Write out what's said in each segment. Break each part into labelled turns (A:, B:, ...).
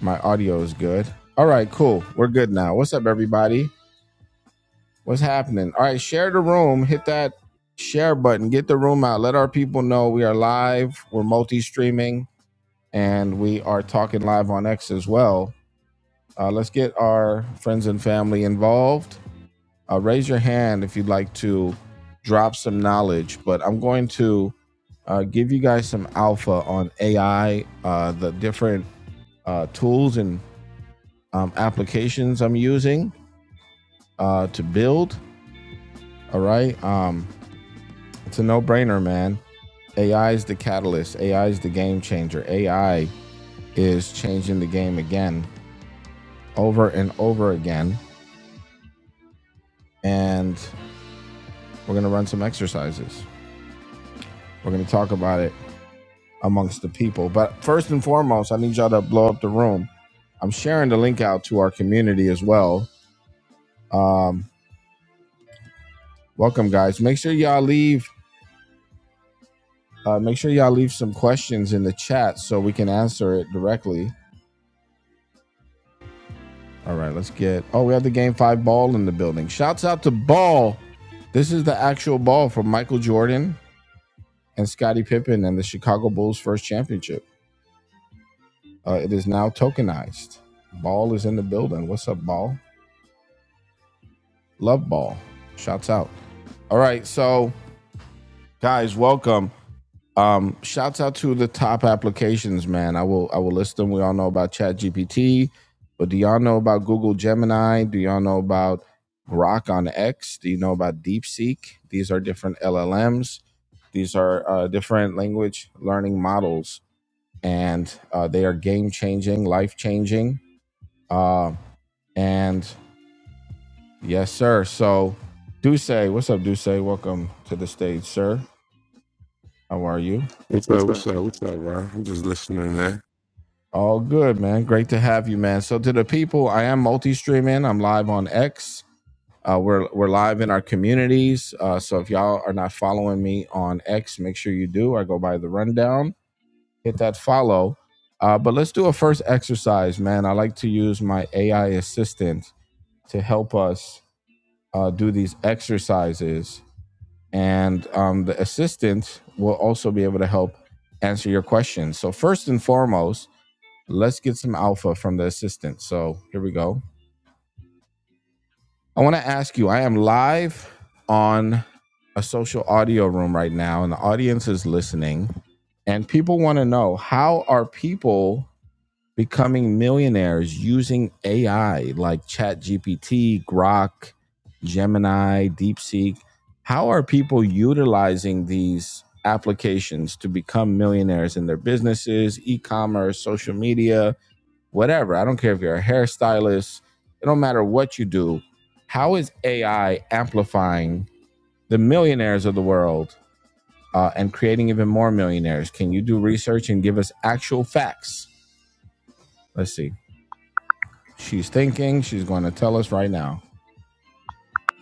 A: My audio is good. All right, cool. We're good now. What's up, everybody? What's happening? All right, share the room. Hit that share button. Get the room out. Let our people know we are live. We're multi streaming and we are talking live on X as well. Uh, let's get our friends and family involved. Uh, raise your hand if you'd like to drop some knowledge, but I'm going to uh, give you guys some alpha on AI, uh, the different uh, tools and um, applications I'm using uh, to build. All right. Um, it's a no brainer, man. AI is the catalyst, AI is the game changer. AI is changing the game again, over and over again. And we're going to run some exercises. We're going to talk about it amongst the people. But first and foremost, I need y'all to blow up the room. I'm sharing the link out to our community as well. Um, welcome, guys. Make sure y'all leave. Uh, make sure y'all leave some questions in the chat so we can answer it directly All right, let's get. Oh, we have the game five ball in the building. Shouts out to Ball. This is the actual ball from Michael Jordan and Scottie Pippen and the Chicago Bulls' first championship. Uh, it is now tokenized. Ball is in the building. What's up, Ball? Love Ball. Shouts out. All right, so guys, welcome. Um, shouts out to the top applications, man. I will I will list them. We all know about ChatGPT, but do y'all know about Google Gemini? Do y'all know about Grok on X? Do you know about DeepSeek? These are different LLMs. These are uh, different language learning models, and uh, they are game changing, life changing. Uh, and yes, sir. So, Duce, what's up, Duce? Welcome to the stage, sir. How are you?
B: What's up? What's up? What's up, Ron? I'm just listening there.
A: All good, man. Great to have you, man. So to the people, I am multi-streaming. I'm live on X. Uh, we're we're live in our communities. Uh, so if y'all are not following me on X, make sure you do. I go by the rundown. Hit that follow. Uh, but let's do a first exercise, man. I like to use my AI assistant to help us uh, do these exercises, and um, the assistant will also be able to help answer your questions. So first and foremost Let's get some alpha from the assistant. So here we go. I want to ask you I am live on a social audio room right now, and the audience is listening. And people want to know how are people becoming millionaires using AI like ChatGPT, Grok, Gemini, DeepSeek? How are people utilizing these applications to become millionaires in their businesses, e commerce, social media? whatever. I don't care if you're a hairstylist, it don't matter what you do. How is AI amplifying the millionaires of the world uh, and creating even more millionaires? Can you do research and give us actual facts? Let's see. She's thinking, she's going to tell us right now.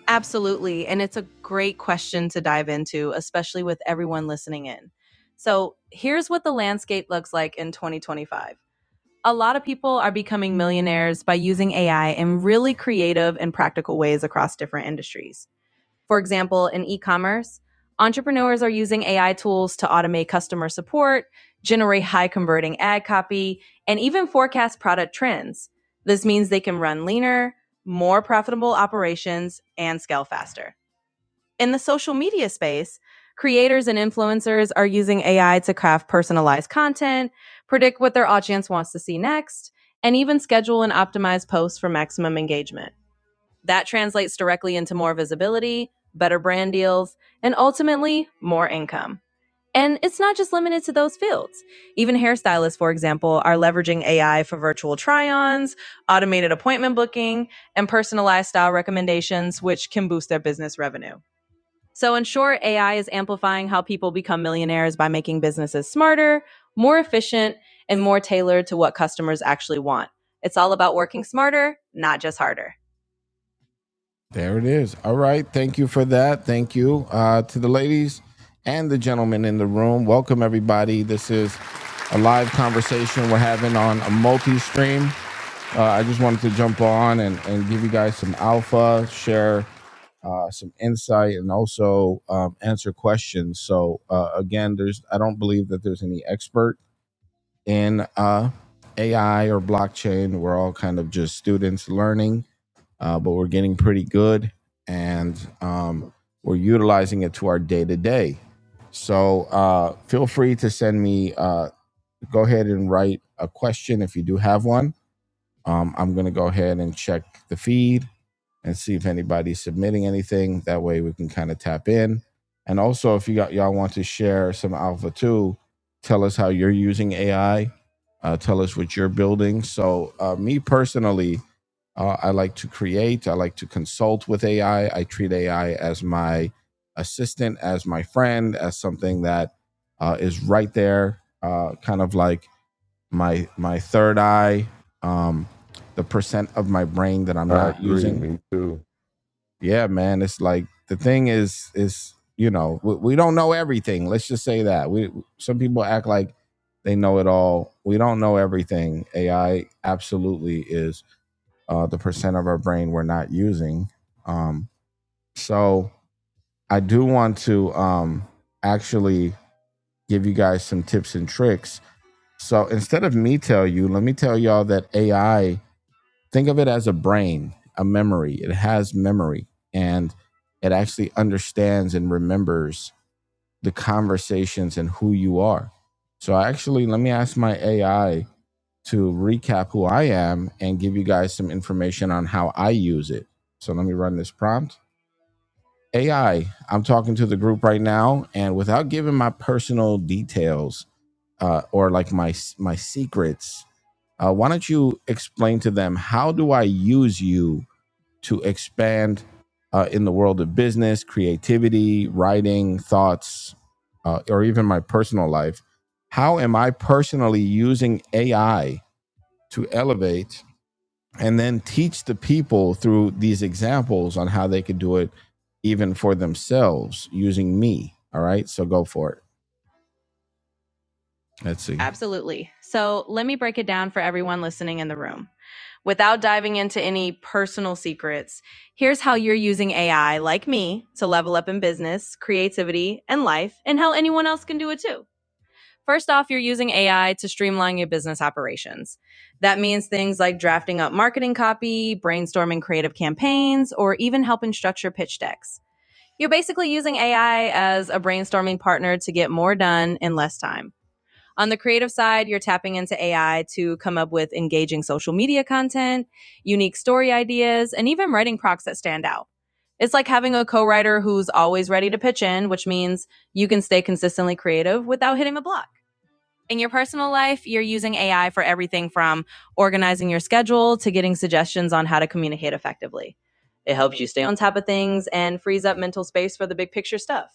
A: Absolutely. And it's a great question to dive into, especially with everyone listening in. So here's what the landscape looks like in 2025. a lot of people are becoming millionaires by using AI in really creative and practical ways across different industries. For example, in e commerce, entrepreneurs are using AI tools to automate customer support, generate high converting ad copy, and even forecast product trends. This means they can run leaner, more profitable operations, and scale faster. In the social media space, creators and influencers are using AI to craft personalized content, predict what their audience wants to see next, and even schedule and optimize posts for maximum engagement. That translates directly into more visibility, better brand deals, and ultimately, more income. And it's not just limited to those fields. Even hairstylists, for example, are leveraging AI for virtual try ons, automated appointment booking, and personalized style recommendations, which can boost their business revenue. So, in short, AI is amplifying how people become millionaires by making businesses smarter, more efficient, and more tailored to what customers actually want. It's all about working smarter, not just harder. There it is. All right. Thank you for that. Thank you uh, to the ladies and the gentlemen in the room. Welcome, everybody. This is a live conversation we're having on a multi stream. Uh, I just wanted to jump on and, and give you guys some alpha, share uh, some insight and also um, answer questions. So uh, again, there's I don't believe that there's any expert in uh, AI or blockchain. We're all kind of just students learning, uh, but we're getting pretty good and um, we're utilizing it to our day to day. So uh, feel free to send me. Uh, go ahead and write a question if you do have one. Um, I'm going to go ahead and check the feed and see if anybody's submitting anything. That way we can kind of tap in. And also, if you got y'all want to share some alpha too, tell us how you're using AI. Uh, tell us what you're building. So, uh, me personally, uh, I like to create. I like to consult with AI. I I treat AI as my assistant, as my friend, as something that uh, is right there, uh, kind of like my my third eye, um, the percent of my brain that I'm
B: I
A: not
B: agree.
A: using
B: Me too.
A: yeah, man, it's like the thing is is you know we, we don't know everything. Let's just say that we some people act like they know it all. We don't know everything. AI absolutely is uh, the percent of our brain we're not using. Um, so I do want to um, actually give you guys some tips and tricks. So instead of me tell you, let me tell y'all that AI think of it as a brain, a memory. It has memory and it actually understands and remembers the conversations and who you are. So, actually, let me ask my AI to recap who I am and give you guys some information on how I use it. So, let me run this prompt. AI, I'm talking to the group right now, and without giving my personal details uh, or like my my secrets, uh, why don't you explain to them how do I use you to expand uh, in the world of business, creativity, writing, thoughts, uh, or even my personal life? How am I personally using AI to elevate and then teach the people through these examples on how they could do it even for themselves using me? All right, so go for it. Let's see. Absolutely. So let me break it down for everyone listening in the room. Without diving into any personal secrets, here's how you're using AI, like me, to level up in business, creativity, and life, and how anyone else can do it too. First off, you're using AI to streamline your business operations. That means things like drafting up marketing copy, brainstorming creative campaigns, or even helping structure pitch decks. You're basically using AI as a brainstorming partner to get more done in less time. On the creative side, you're tapping into AI to come up with engaging social media content, unique story ideas, and even writing procs that stand out. It's like having a co writer who's always ready to pitch in, which means you can stay consistently creative without hitting a block. In your personal life, you're using AI for everything from organizing your schedule to getting suggestions on how to communicate effectively. It helps you stay on top of things and frees up mental space for the big picture stuff.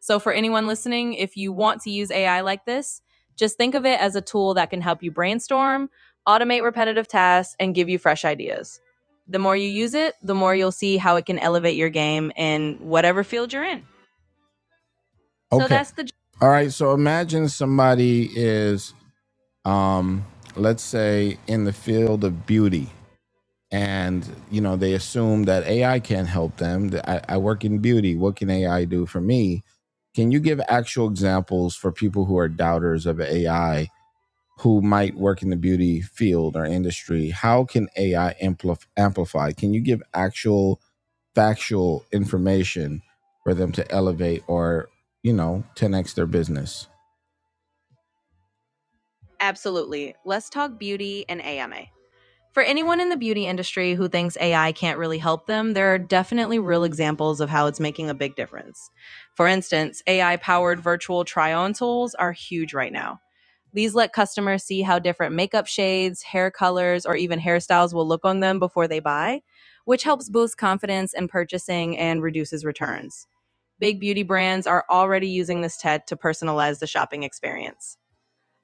A: So, for anyone listening, if you want to use AI like this, just think of it as a tool that can help you brainstorm, automate repetitive tasks, and give you fresh ideas. The more you use it, the more you'll see how it can elevate your game in whatever field you're in. So, Okay. So that's the All right. So imagine somebody is, um, let's say, in the field of beauty, and you know they assume that ai can't help them I, I work in beauty what can ai do for me can you give actual examples for people who are doubters of ai who might work in the beauty field or industry how can ai ampli- amplify can you give actual factual information for them to elevate or you know 10x their business Absolutely. Let's talk beauty and AMA. for anyone in the beauty industry who thinks AI can't really help them, there are definitely real examples of how it's making a big difference. For instance, AI powered virtual try on tools are huge right now. These let customers see how different makeup shades, hair colors, or even hairstyles will look on them before they buy, which helps boost confidence in purchasing and reduces returns. Big beauty brands are already using this tech to personalize the shopping experience.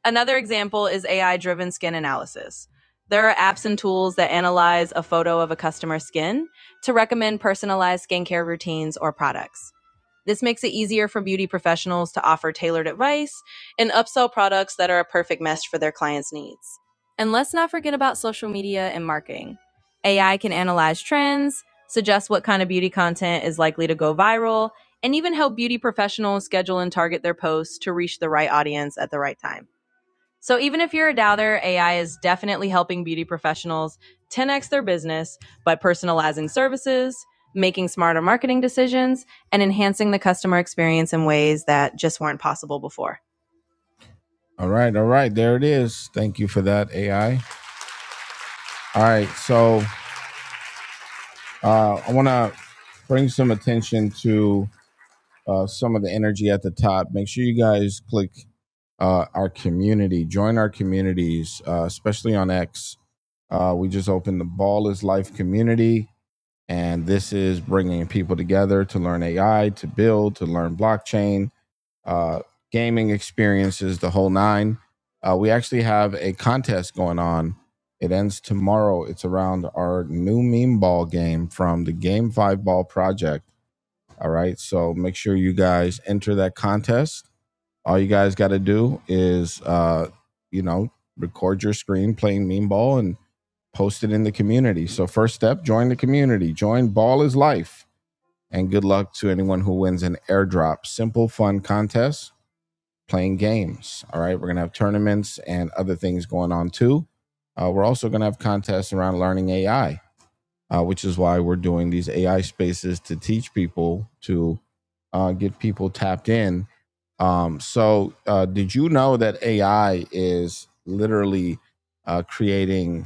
A: Another example is AI driven skin analysis. There are apps and tools that analyze a photo of a customer's skin to recommend personalized skincare routines or products. This makes it easier for beauty professionals to offer tailored advice and upsell products that are a perfect match for their clients' needs. And let's not forget about social media and marketing. AI can analyze trends, suggest what kind of beauty content is likely to go viral, and even help beauty professionals schedule and target their posts to reach the right audience at the right time. So even if you're a doubter, AI is definitely helping beauty professionals 10x their business by personalizing services, making smarter marketing decisions, and enhancing the customer experience in ways that just weren't possible before. All right, all right, there it is. Thank you for that, AI. All right, so uh, I want to bring some attention to uh, some of the energy at the top. Make sure you guys click uh, our community, join our communities, uh, especially on X. Uh, we just opened the Ballers Life community, and this is bringing people together to learn AI, to build, to learn blockchain, uh, gaming experiences, the whole nine. Uh, we actually have a contest going on. It ends tomorrow. It's around our new meme ball game from the Game Five Ball Project. All right, so make sure you guys enter that contest. All you guys got to do is, uh, you know, record your screen playing meme ball and post it in the community. So, first step, join the community. Join Ball is Life. And good luck to anyone who wins an airdrop. Simple, fun contest playing games. All right. We're going to have tournaments and other things going on too. Uh, we're also going to have contests around learning AI, uh, which is why we're doing these AI spaces to teach people to uh, get people tapped in. Um, so, uh, did you know that AI is literally uh, creating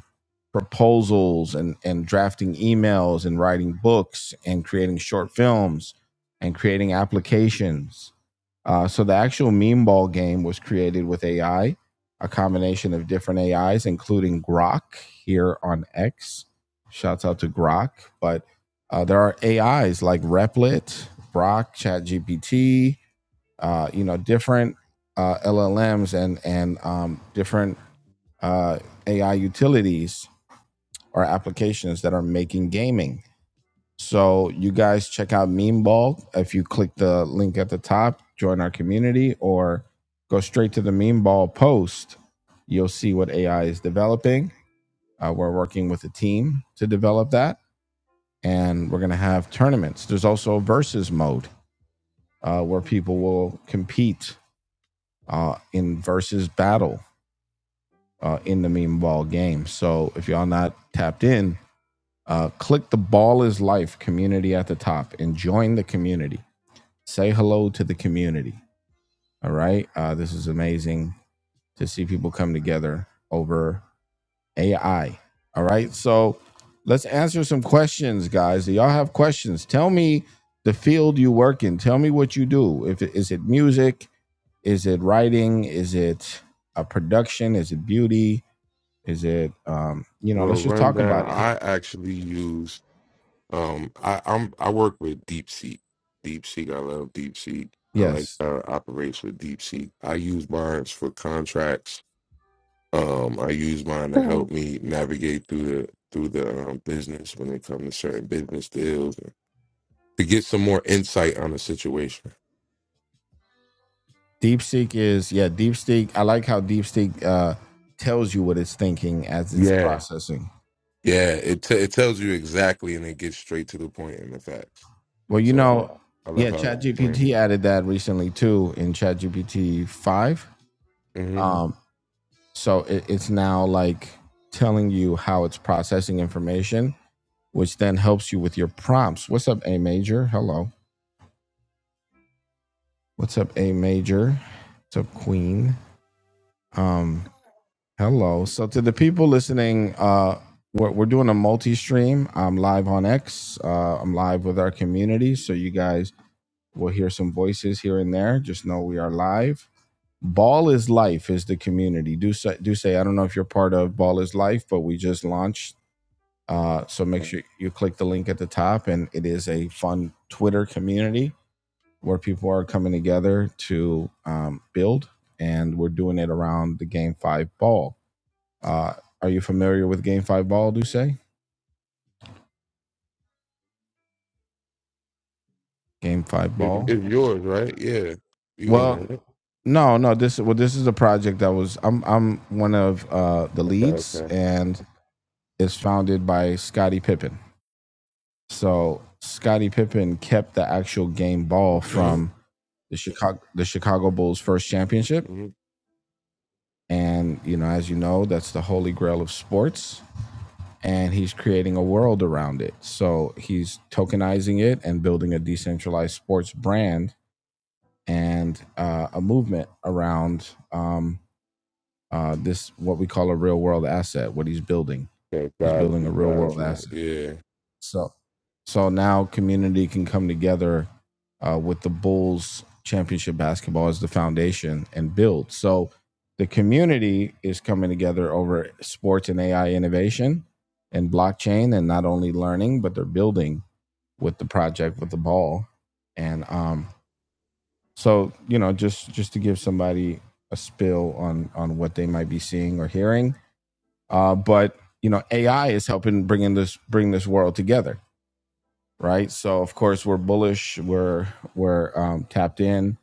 A: proposals and, and drafting emails and writing books and creating short films and creating applications. Uh, so the actual meme ball game was created with AI, a combination of different AIs, including Grok here on X. Shouts out to Grok. But uh, there are AIs like Replit, Grok, ChatGPT, uh, you know, different uh, LLMs and and um, different uh, AI utilities or applications that are making gaming. So you guys check out Memeball. If you click the link at the top, join our community, or go straight to the Memeball post, you'll see what AI is developing. Uh, we're working with a team to develop that, and we're going to have tournaments. There's also a versus mode uh, where people will compete uh, in versus battle uh, in the Memeball game. So if y'all not tapped in, Uh, click the Ball is Life community at the top and join the community. Say hello to the community. All right. Uh, this is amazing to see people come together over AI. All right. So let's answer some questions, guys. Do y'all have questions? Tell me the field you work in. Tell me what you do. If it, is it music? Is it writing? Is it a production? Is it beauty? Is it um, you know?
B: Well,
A: Let's just talk
B: rundown.
A: about it.
B: I actually use. Um, I I'm I work with DeepSeek. DeepSeek. I love DeepSeek. I like
A: Yes.
B: how it operates with DeepSeek. I use mine for contracts. Um, I use mine to
C: Oh,
B: help me navigate through the through the um, business when it comes to certain business deals to get some more insight on the situation.
A: DeepSeek is yeah, DeepSeek. I like how DeepSeek uh, tells you what it's thinking as it's
B: Yeah,
A: processing.
B: yeah. It t- it tells you exactly and it gets straight to the point and the facts.
A: Well, you
B: So I,
A: know,
B: I love
A: yeah,
B: how it explained
A: ChatGPT added that recently too in ChatGPT five.
B: it. hmm
A: Um, so it, it's now like telling you how it's processing information, which then helps you with your prompts. What's up, A major? Hello. What's up, A major? What's up, Queen? Um, Hello. So to the people listening, uh, we're, we're doing a multi-stream. I'm live on X. Uh, I'm live with our community, so you guys will hear some voices here and there. Just know we are live. Ball is life is the community. Do say, do say. I don't know if you're part of Ball is Life, but we just launched. Uh, so make sure you click the link at the top, and it is a fun Twitter community where people are coming together to um, build, and we're doing it around the game five ball. Uh, are you familiar with Game Five Ball? Do say Game Five
B: It,
A: Ball?
B: it's yours, right? Yeah. You own
A: Well,
B: it, right?
A: no, no. This well, this is a project that was. I'm I'm one of uh, the
B: Okay,
A: leads,
B: okay.
A: and it's founded by Scottie Pippen. So Scottie Pippen kept the actual game ball
B: Okay.
A: from the Chicago the Chicago Bulls' first championship,
B: Mhm.
A: and you know, as you know, that's the holy grail of sports. And he's creating a world around it. So he's tokenizing it and building a decentralized sports brand and uh, a movement around um, uh, this what we call a real world asset. What he's building,
B: Okay,
A: he's
B: got
A: building a
B: you,
A: real
B: got
A: world
B: you.
A: asset.
B: Yeah.
A: So, so now community can come together uh, with the Bulls championship basketball as the foundation and build. So, the community is coming together over sports and AI innovation and blockchain, and not only learning but they're building with the project with the ball and um, so you know, just just to give somebody a spill on on what they might be seeing or hearing. Uh, but you know, AI is helping bring in this bring this world together, right? So of course we're bullish. We're we're um, tapped in.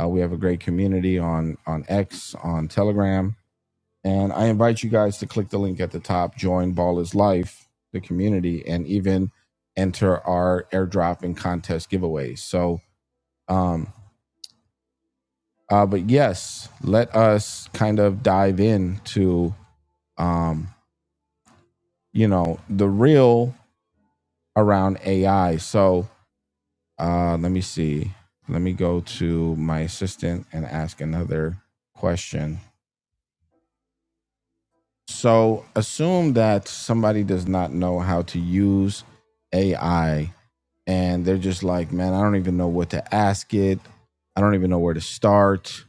A: Uh, we have a great community on on X on Telegram, and I invite you guys to click the link at the top, join Ball is Life, the community, and even enter our airdrop and contest giveaways. So. Um, Uh, but yes, let us kind of dive into um, you know the real around AI. So uh, let me see. Let me go to my assistant and ask another question. So assume that somebody does not know how to use AI and they're just like, man, I don't even know what to ask it. I don't even know where to start.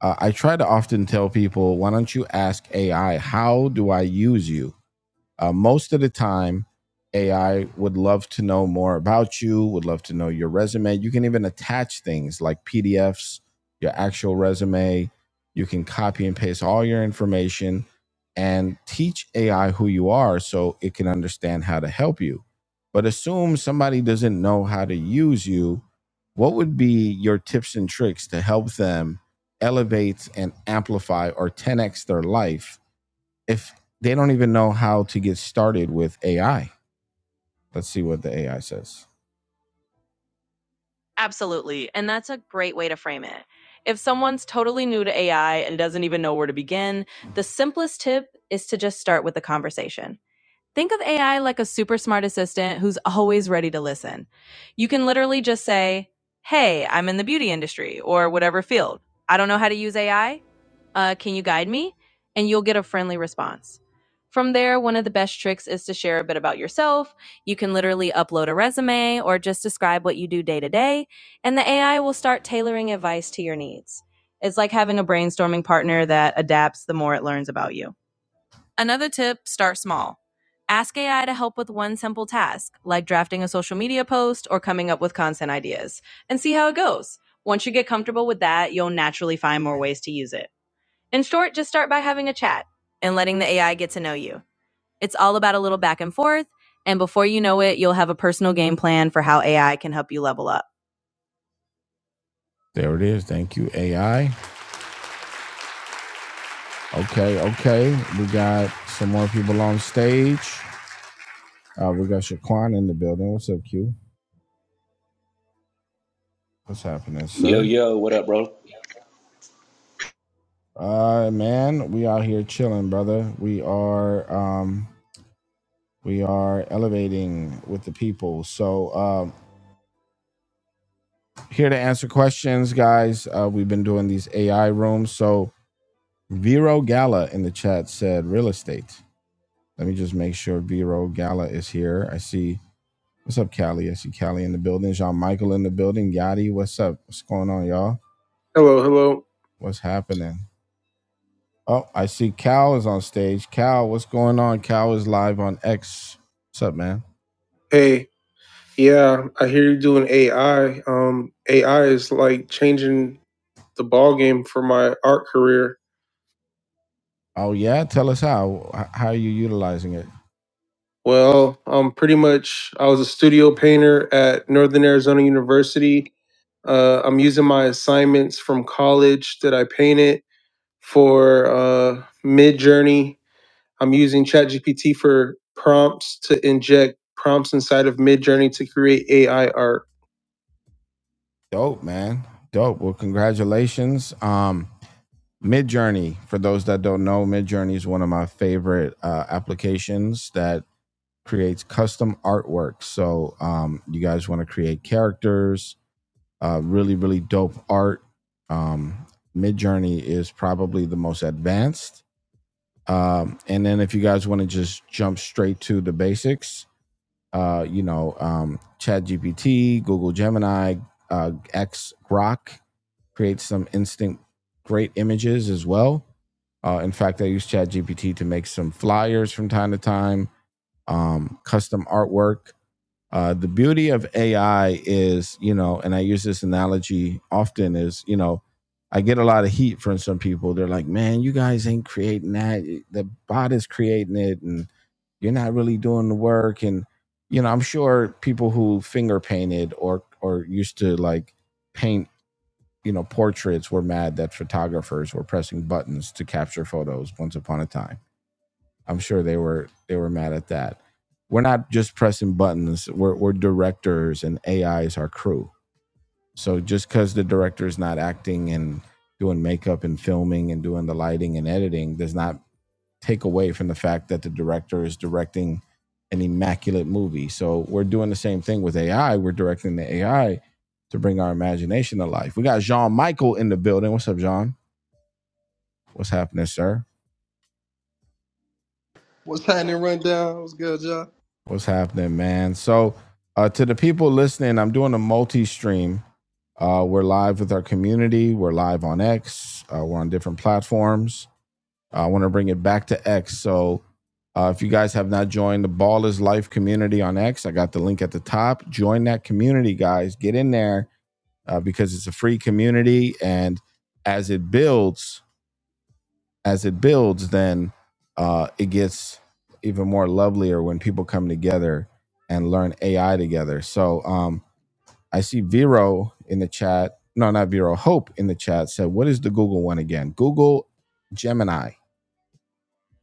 A: Uh, I try to often tell people, why don't you ask AI, how do I use you? Uh, most of the time, AI would love to know more about you, would love to know your resume. You can even attach things like PDFs, your actual resume. You can copy and paste all your information and teach AI who you are so it can understand how to help you. But assume somebody doesn't know how to use you. What would be your tips and tricks to help them elevate and amplify or 10x their life if they don't even know how to get started with AI. Let's see what the AI says. Absolutely. And that's a great way to frame it. If someone's totally new to AI and doesn't even know where to begin, the simplest tip is to just start with the conversation. Think of AI like a super smart assistant who's always ready to listen. You can literally just say, Hey, I'm in the beauty industry or whatever field. I don't know how to use AI. uh, Can you guide me? And you'll get a friendly response. From there, one of the best tricks is to share a bit about yourself. You can literally upload a resume or just describe what you do day to day, and the AI will start tailoring advice to your needs. It's like having a brainstorming partner that adapts the more it learns about you. Another tip start small. Ask AI to help with one simple task, like drafting a social media post or coming up with content ideas, and see how it goes. Once you get comfortable with that, you'll naturally find more ways to use it. In short, just start by having a chat and letting the AI get to know you. It's all about a little back and forth. And before you know it, you'll have a personal game plan for how AI can help you level up. There it is. Thank you, AI. Okay, okay. We got some more people on stage. Uh, we got Shaquan in the building. What's up, Q? What's happening,
D: Yo,
A: sir?
D: yo, what up, bro?
A: Uh, man, we out here chilling, brother. We are um, we are elevating with the people. So, um, Here to answer questions, guys. Uh, we've been doing these AI rooms. So Vero Gala in the chat said real estate. Let me just make sure Vero Gala is here. I see. What's up, Callie? I see Callie in the building. Jean Michael in the building. Yadi, what's up? What's going on, y'all? Hello, hello. What's happening? Oh, I see Cal is on stage. Cal, what's going on? Cal is live on X. What's up, man? Hey, yeah, I hear you doing AI. Um, AI is like changing. the ball game for my art career. Oh yeah, tell us how. How are you utilizing it? Well, um, pretty much I was a studio painter at Northern Arizona University. Uh, I'm using my assignments from college that I painted for uh, Mid Journey. I'm using ChatGPT for prompts to inject prompts inside of Mid Journey to create AI art. Dope, man. Dope. Well, congratulations. Um, Midjourney, for those that don't know, Midjourney is one of my favorite uh, applications that creates custom artwork. So, um, you guys want to create characters, uh, really, really dope art. Um, Midjourney is probably the most advanced. Um, and then, if you guys want to just jump straight to the basics, uh, you know, um, ChatGPT, Google Gemini, uh, X Grok create some instant great images as well. Uh, in fact, I use ChatGPT to make some flyers from time to time, um, custom artwork. Uh, the beauty of AI is, you know, and I use this analogy often is, you know, I get a lot of heat from some people. They're like, man, you guys ain't creating that. The bot is creating it and you're not really doing the work. And, you know, I'm sure people who finger painted or, or used to like paint you know, portraits were mad that photographers were pressing buttons to capture photos once upon a time. I'm sure they were they were mad at that. We're not just pressing buttons. We're we're directors and AI is our crew. So just because the director is not acting and doing makeup and filming and doing the lighting and editing does not take away from the fact that the director is directing an immaculate movie. So we're doing the same thing with AI. We're directing the AI to bring our imagination to life. We got Jean Michael in the building. What's up, Jean? What's happening, sir?
E: What's happening, rundown? What's good, y'all?
A: What's happening, man? So uh, to the people listening, I'm doing a multi-stream. Uh, we're live with our community. We're live on X. Uh, we're on different platforms I want to bring it back to X. So uh, if you guys have not joined the Ball is Life community on X, I got the link at the top. Join that community, guys. Get in there uh, because it's a free community. And as it builds, as it builds, then uh, it gets even more lovelier when people come together and learn AI together. So um, I see Vero in the chat. No, not Vero. Hope in the chat said, What is the Google one again? Google Gemini.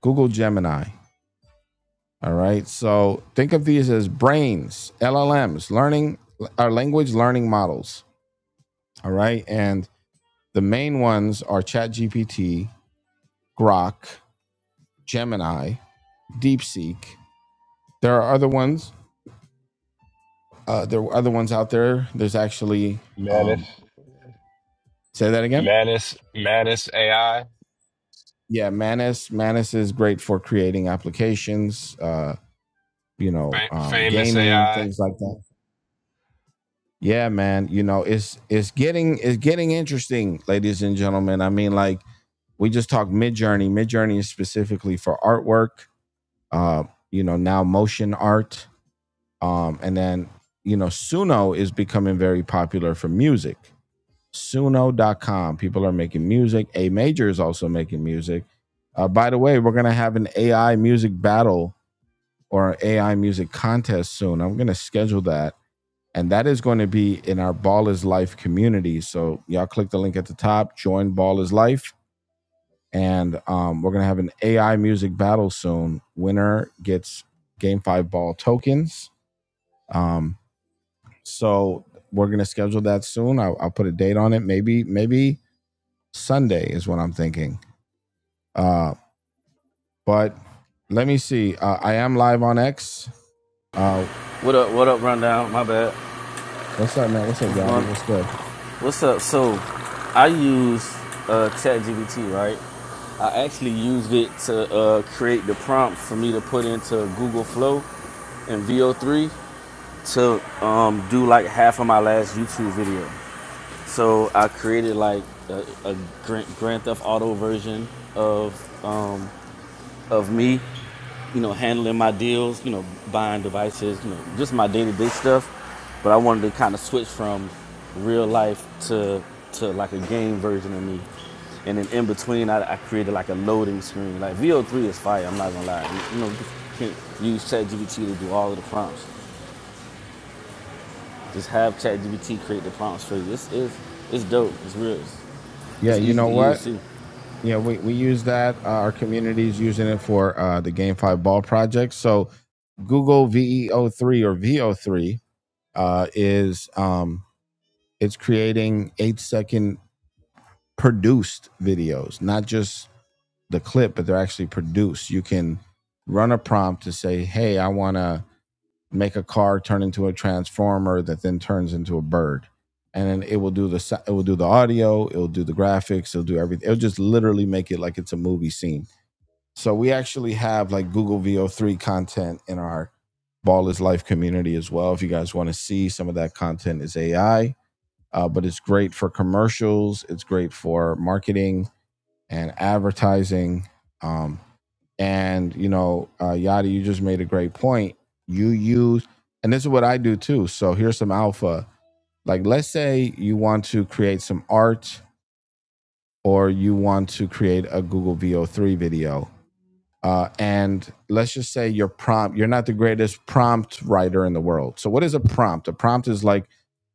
A: Google Gemini. All right. So think of these as brains, LLMs, learning our language learning models. All right. And the main ones are ChatGPT, Grok, Gemini, DeepSeek. There are other ones. Uh, there are other ones out there. There's actually,
F: Manus,
A: um, say that again.
F: Manus, Manus AI,
A: Yeah, Manus. Manus is great for creating applications. Uh, you know,
F: fa-
A: um,
F: famous
A: gaming
F: AI.
A: things like that. Yeah, man. You know, it's it's getting it's getting interesting, ladies and gentlemen. I mean, like we just talked MidJourney. MidJourney is specifically for artwork, uh, you know, now motion art. Um, and then, you know, Suno is becoming very popular for music. Suno.com. People are making music. A major is also making music. Uh, by the way, we're going to have an AI music battle or an AI music contest soon. I'm going to schedule that. And that is going to be in our Ball is Life community. So y'all click the link at the top, join Ball is Life and um, we're gonna have an AI music battle soon. Winner gets game five ball tokens. Um, so we're gonna schedule that soon. I'll, I'll put a date on it. Maybe maybe Sunday is what I'm thinking. Uh, but let me see. Uh, I am live on X. Uh,
G: What up? What up? Rundown. My bad.
A: what's up, man? What's up,
G: What's going?
A: Yadi? What's good?
G: What's up? So, I use uh, ChatGPT, right? I actually used it to uh, create the prompt for me to put into Google Flow and VO3 to um, do like half of my last YouTube video. So I created like a, a Grand, Theft Auto version of um, of me you know, handling my deals, you know, buying devices, you know, just my day-to-day stuff. But I wanted to kind of switch from real life to to like a game version of me. And then in between, I, I created like a loading screen. Like VO3 is fire. I'm not gonna lie. You know, you can use ChatGPT to do all of the prompts. Just have ChatGPT create the prompts for you. It's it's, it's dope. It's real. It's,
A: Yeah,
G: it's
A: you
G: easy
A: know
G: to
A: what?
G: use too.
A: Yeah, we, we use that. Uh, our community is using it for uh, the Game Five Ball project. So Google VEO3 or VO3 uh, is um, it's creating eight second produced videos, not just the clip, but they're actually produced. You can run a prompt to say, hey, I want to make a car turn into a transformer that then turns into a bird. And then it will do the si-, it will do the audio, it'll do the graphics, it'll do everything. It'll just literally make it like it's a movie scene. So we actually have like Google VO3 content in our Ball is Life community as well. If you guys want to see some of that content is AI uh, but it's great for commercials. It's great for marketing and advertising. Um, and you know, uh, Yadi, you just made a great point. You use, and this is what I do too. So here's some alpha. Like, let's say you want to create some art, or you want to create a Google VO3 video uh, and let's just say your prompt you're not the greatest prompt writer in the world so what is a prompt a prompt is like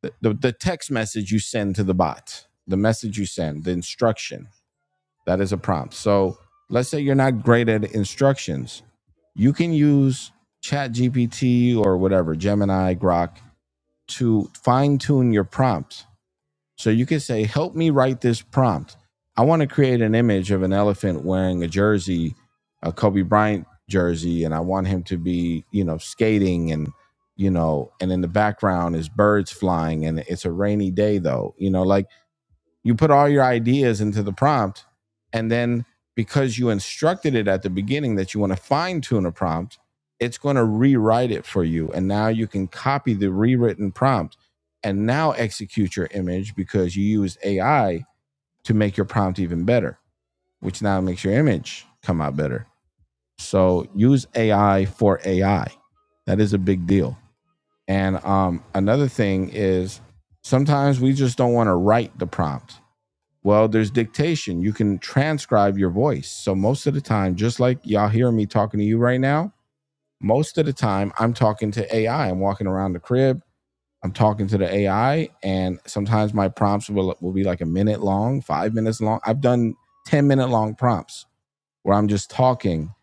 A: the, the, the text message you send to the bot the message you send the instruction that is a prompt so let's say you're not great at instructions you can use chat gpt or whatever gemini grok to fine-tune your prompt so you can say, help me write this prompt. I want to create an image of an elephant wearing a jersey, a Kobe Bryant jersey, and I want him to be, you know, skating and, you know, and in the background is birds flying and it's a rainy day though. You know, like you put all your ideas into the prompt, and then because you instructed it at the beginning that you want to fine tune a prompt, it's going to rewrite it for you. And now you can copy the rewritten prompt and now execute your image because you used AI to make your prompt even better, which now makes your image come out better. So use AI for AI. That is a big deal. And um, another thing is sometimes we just don't want to write the prompt. Well, there's dictation. You can transcribe your voice. So most of the time, just like y'all hear me talking to you right now, most of the time I'm talking to AI. I'm walking around the crib. I'm talking to the AI, and sometimes my prompts will will be like a minute long, five minutes long. I've done ten minute long prompts where I'm just talking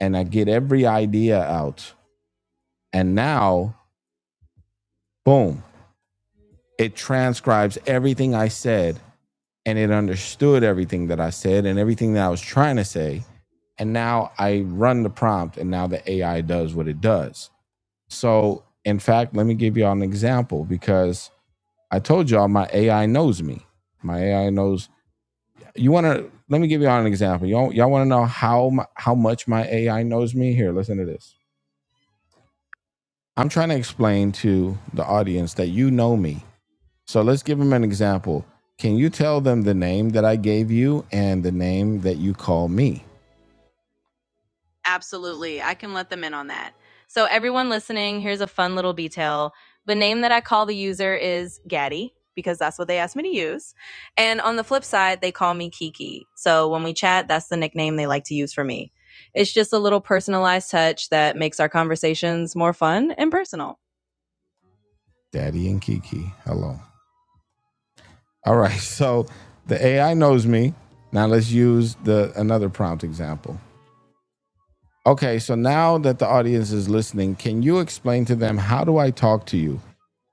A: and I get every idea out. And now, boom, it transcribes everything I said and it understood everything that I said and everything that I was trying to say And now I run the prompt and now the AI does what it does. So, in fact, let me give y'all an example because I told y'all my AI knows me. My AI knows you want to let me give y'all an example. Y'all, y'all want to know how my, how much my AI knows me? Here, listen to this. I'm trying to explain to the audience that you know me. So let's give them an example. Can you tell them the name that I gave you and the name that you call me? Absolutely. I can let them in on that. So, everyone listening, here's a fun little detail. The name that I call the user is Gaddy because that's what they asked me to use. And on the flip side, they call me Kiki. So, when we chat, that's the nickname they like to use for me. It's just a little personalized touch that makes our conversations more fun and personal. Daddy and Kiki. Hello. All right. So the AI knows me. Now let's use the another prompt example. Okay, so now that the audience is listening, can you explain to them how do I talk to you?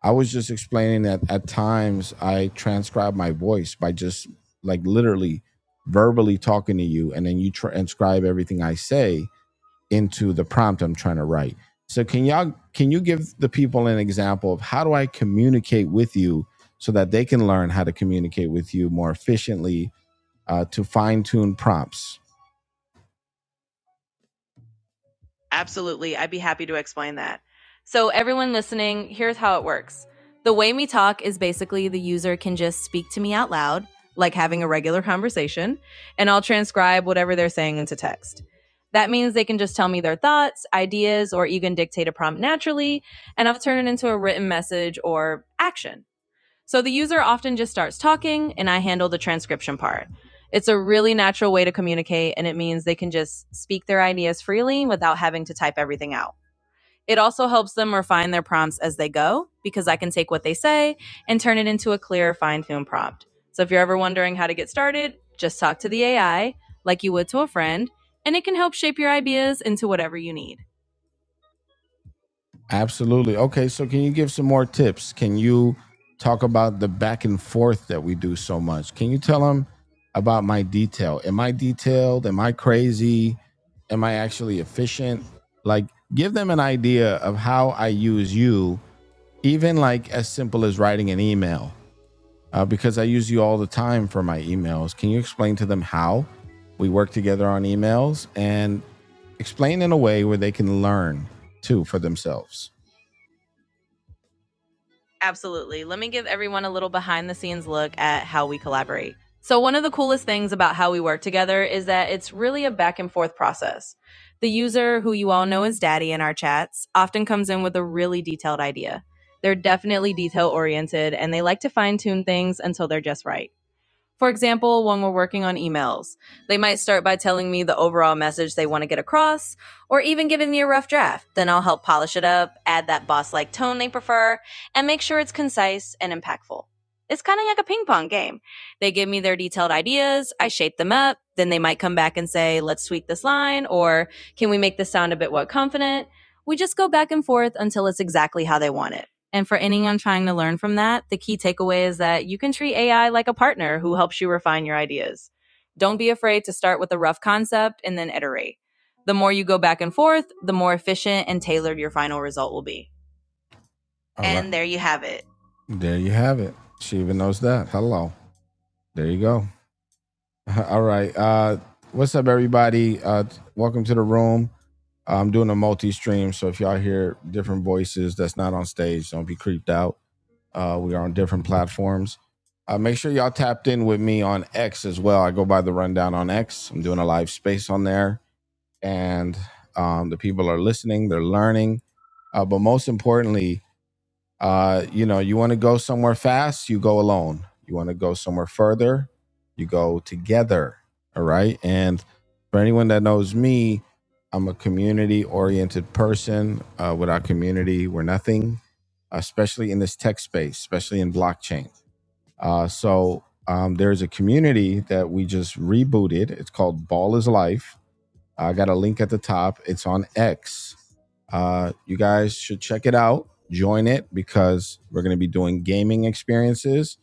A: I was just explaining that at times I transcribe my voice by just like literally verbally talking to you, and then you transcribe everything I say into the prompt I'm trying to write. So can y'all can you give the people an example of how do I communicate with you so that they can learn how to communicate with you more efficiently uh, to fine tune prompts? Absolutely. I'd be happy to explain that. So, everyone listening, here's how it works. The way we talk is basically the user can just speak to me out loud, like having a regular conversation, and I'll transcribe whatever they're saying into text. That means they can just tell me their thoughts, ideas, or even dictate a prompt naturally, and i will turn it into a written message or action. So the user often just starts talking and I handle the transcription part. It's a really natural way to communicate and it means they can just speak their ideas freely without having to type everything out. It also helps them refine their prompts as they go because I can take what they say and turn it into a clear, fine tuned prompt. So if you're ever wondering how to get started, just talk to the AI like you would to a friend and it can help shape your ideas into whatever you need. Absolutely. Okay, so can you give some more tips? Can you talk about the back and forth that we do so much? Can you tell them about my detail? Am I detailed? Am I crazy? Am I actually efficient? Like, give them an idea of how I use you, even like as simple as writing an email, uh, because I use you all the time for my emails. Can you explain to them how we work together on emails and explain in a way where they can learn too for themselves? Absolutely. Let me give everyone a little behind the scenes look at how we collaborate. So, one of the coolest things about how we work together is that it's really a back and forth process. The user, who you all know as Daddy in our chats, often comes in with a really detailed idea. They're definitely detail oriented and they like to fine tune things until they're just right. For example, when we're working on emails, they might start by telling me the overall message they want to get across, or even giving me a rough draft. Then I'll help polish it up, add that boss like tone they prefer, and make sure it's concise and impactful. It's kind of like a ping pong game. They give me their detailed ideas, I shape them up, then they might come back and say, let's tweak this line, or can we make this sound a bit more confident? We just go back and forth until it's exactly how they want it. And for anyone trying to learn from that, the key takeaway is that you can treat AI like a partner who helps you refine your ideas. Don't be afraid to start with a rough concept and then iterate. The more you go back and forth, the more efficient and tailored your final result will be. All right. and right. there you have it. There you have it. She even knows that. Hello. There you go. All right. Uh, what's up, everybody? Uh, welcome to the room. I'm doing a multi stream. So if y'all hear different voices that's not on stage, don't be creeped out. Uh, we are on different platforms. Uh, make sure y'all tapped in with me on X as well. I go by the rundown on X. I'm doing a live space on there, and um, the people are listening, they're learning. Uh, but most importantly, uh, you know, you want to go somewhere fast, you go alone. You want to go somewhere further, you go together. All right. And for anyone that knows me, I'm a community oriented person. Uh, without community, we're nothing, especially in this tech space, especially in blockchain. Uh, so um, there's a community that we just rebooted. It's called Ball is Life I got a link at the top. It's on X. Uh, you guys should check it out. Join it because we're going to be doing gaming experiences.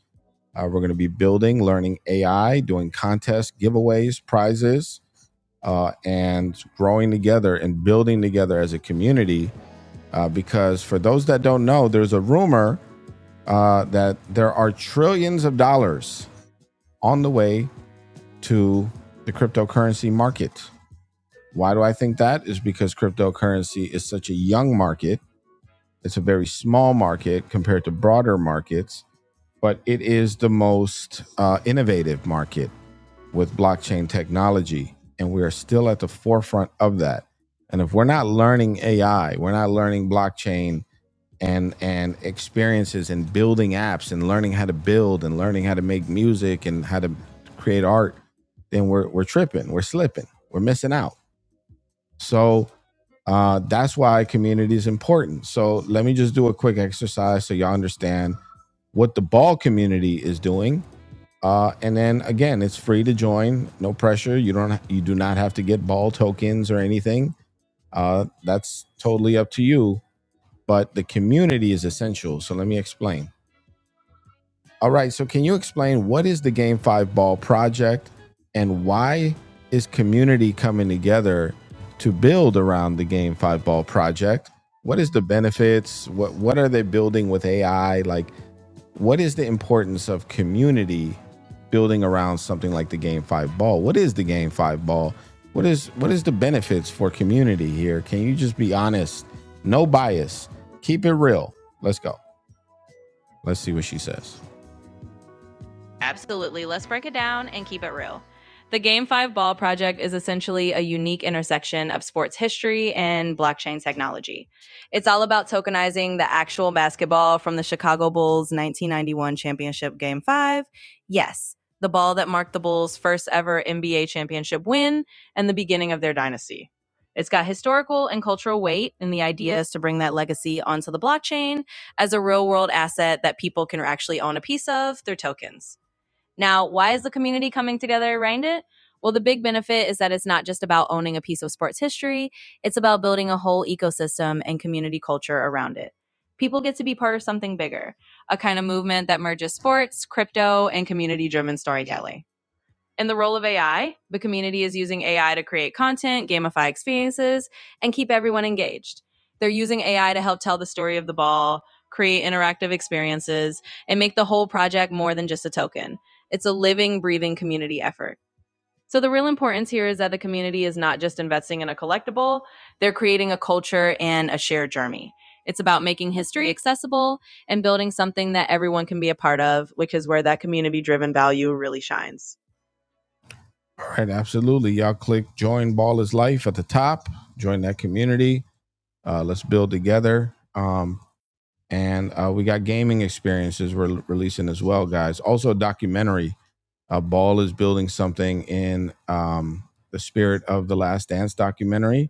A: Uh, we're going to be building, learning AI, doing contests, giveaways, prizes, uh, and growing together and building together as a community. Uh, because for those that don't know, there's a rumor uh, that there are trillions of dollars on the way to the cryptocurrency market why do I think that? Is because cryptocurrency is such a young market. It's a very small market compared to broader markets, but it is the most uh, innovative market with blockchain technology. And we are still at the forefront of that. And if we're not learning AI, we're not learning blockchain and and experiences and building apps and learning how to build and learning how to make music and how to create art, then we're we're tripping, we're slipping, we're missing out. So uh, that's why community is important. So let me just do a quick exercise so y'all understand what the ball community is doing. Uh, and then again, it's free to join, no pressure. You don't you do not have to get ball tokens or anything. Uh, that's totally up to you. But the community is essential. So let me explain. All right. So, can you explain what is the Game Five Ball project, and why is community coming together to build around the Game Five Ball project? What is the benefits? What What are they building with AI? Like, what is the importance of community building around something like the Game Five Ball? What is the Game Five Ball? What is what is the benefits for community here? Can you just be honest? No bias. Keep it real. Let's go. Let's see what she says. Absolutely. Let's break it down and keep it real. The Game 5 Ball Project is essentially a unique intersection of sports history and blockchain technology. It's all about tokenizing the actual basketball from the Chicago Bulls 1991 championship Game 5. Yes, the ball that marked the Bulls' first ever NBA championship win and the beginning of their dynasty. It's got historical and cultural weight, and the idea is to bring that legacy onto the blockchain as a real world asset that people can actually own a piece of through tokens. Now, why is the community coming together around it? Well, the big benefit is that it's not just about owning a piece of sports history, it's about building a whole ecosystem and community culture around it. People get to be part of something bigger, a kind of movement that merges sports, crypto, and community driven storytelling. In the role of AI, the community is using AI to create content, gamify experiences, and keep everyone engaged. They're using AI to help tell the story of the ball, create interactive experiences, and make the whole project more than just a token. It's a living, breathing community effort. So, the real importance here is that the community is not just investing in a collectible, they're creating a culture and a shared journey. It's about making history accessible and building something that everyone can be a part of, which is where that community driven value really shines. All right, absolutely. Y'all click join Ball is Life at the top. Join that community. Uh, let's build together. Um, and uh, we got gaming experiences we're releasing as well, guys. Also, a documentary. Uh, Ball is building something in um, the spirit of the Last Dance documentary,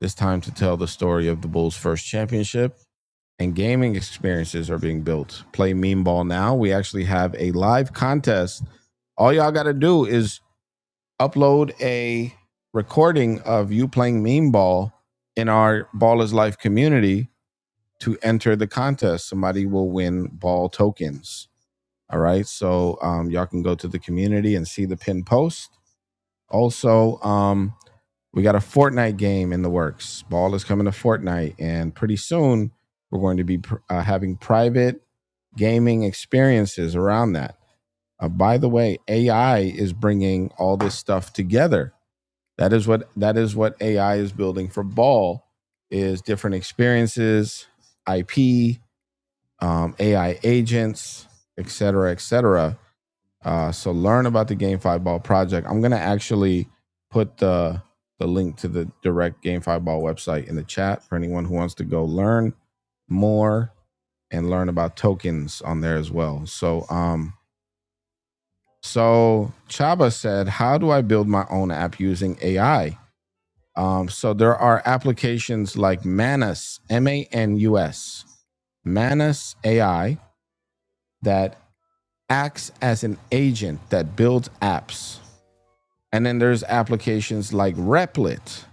A: this time to tell the story of the Bulls' first championship. And gaming experiences are being built. Play Meme Ball now. We actually have a live contest all y'all got to do is upload a recording of you playing meme ball in our Ballers Life community to enter the contest. Somebody will win ball tokens. All right. So um, y'all can go to the community and see the pin post. Also, um, we got a Fortnite game in the works. Ball is coming to Fortnite, and pretty soon we're going to be pr- uh, having private gaming experiences around that. Uh, by the way, AI is bringing all this stuff together. That is what that is what AI is building for Ball is different experiences, IP, um, AI agents, et cetera, et cetera. Uh, so learn about the GameFi Ball project. I'm gonna actually put the the link to the direct GameFi Ball website in the chat for anyone who wants to go learn more and learn about tokens on there as well. So um so Chaba said, How do I build my own app using AI? Um, so there are applications like Manus, M A N U S, Manus AI that acts as an agent that builds apps. And then there's applications like Replit,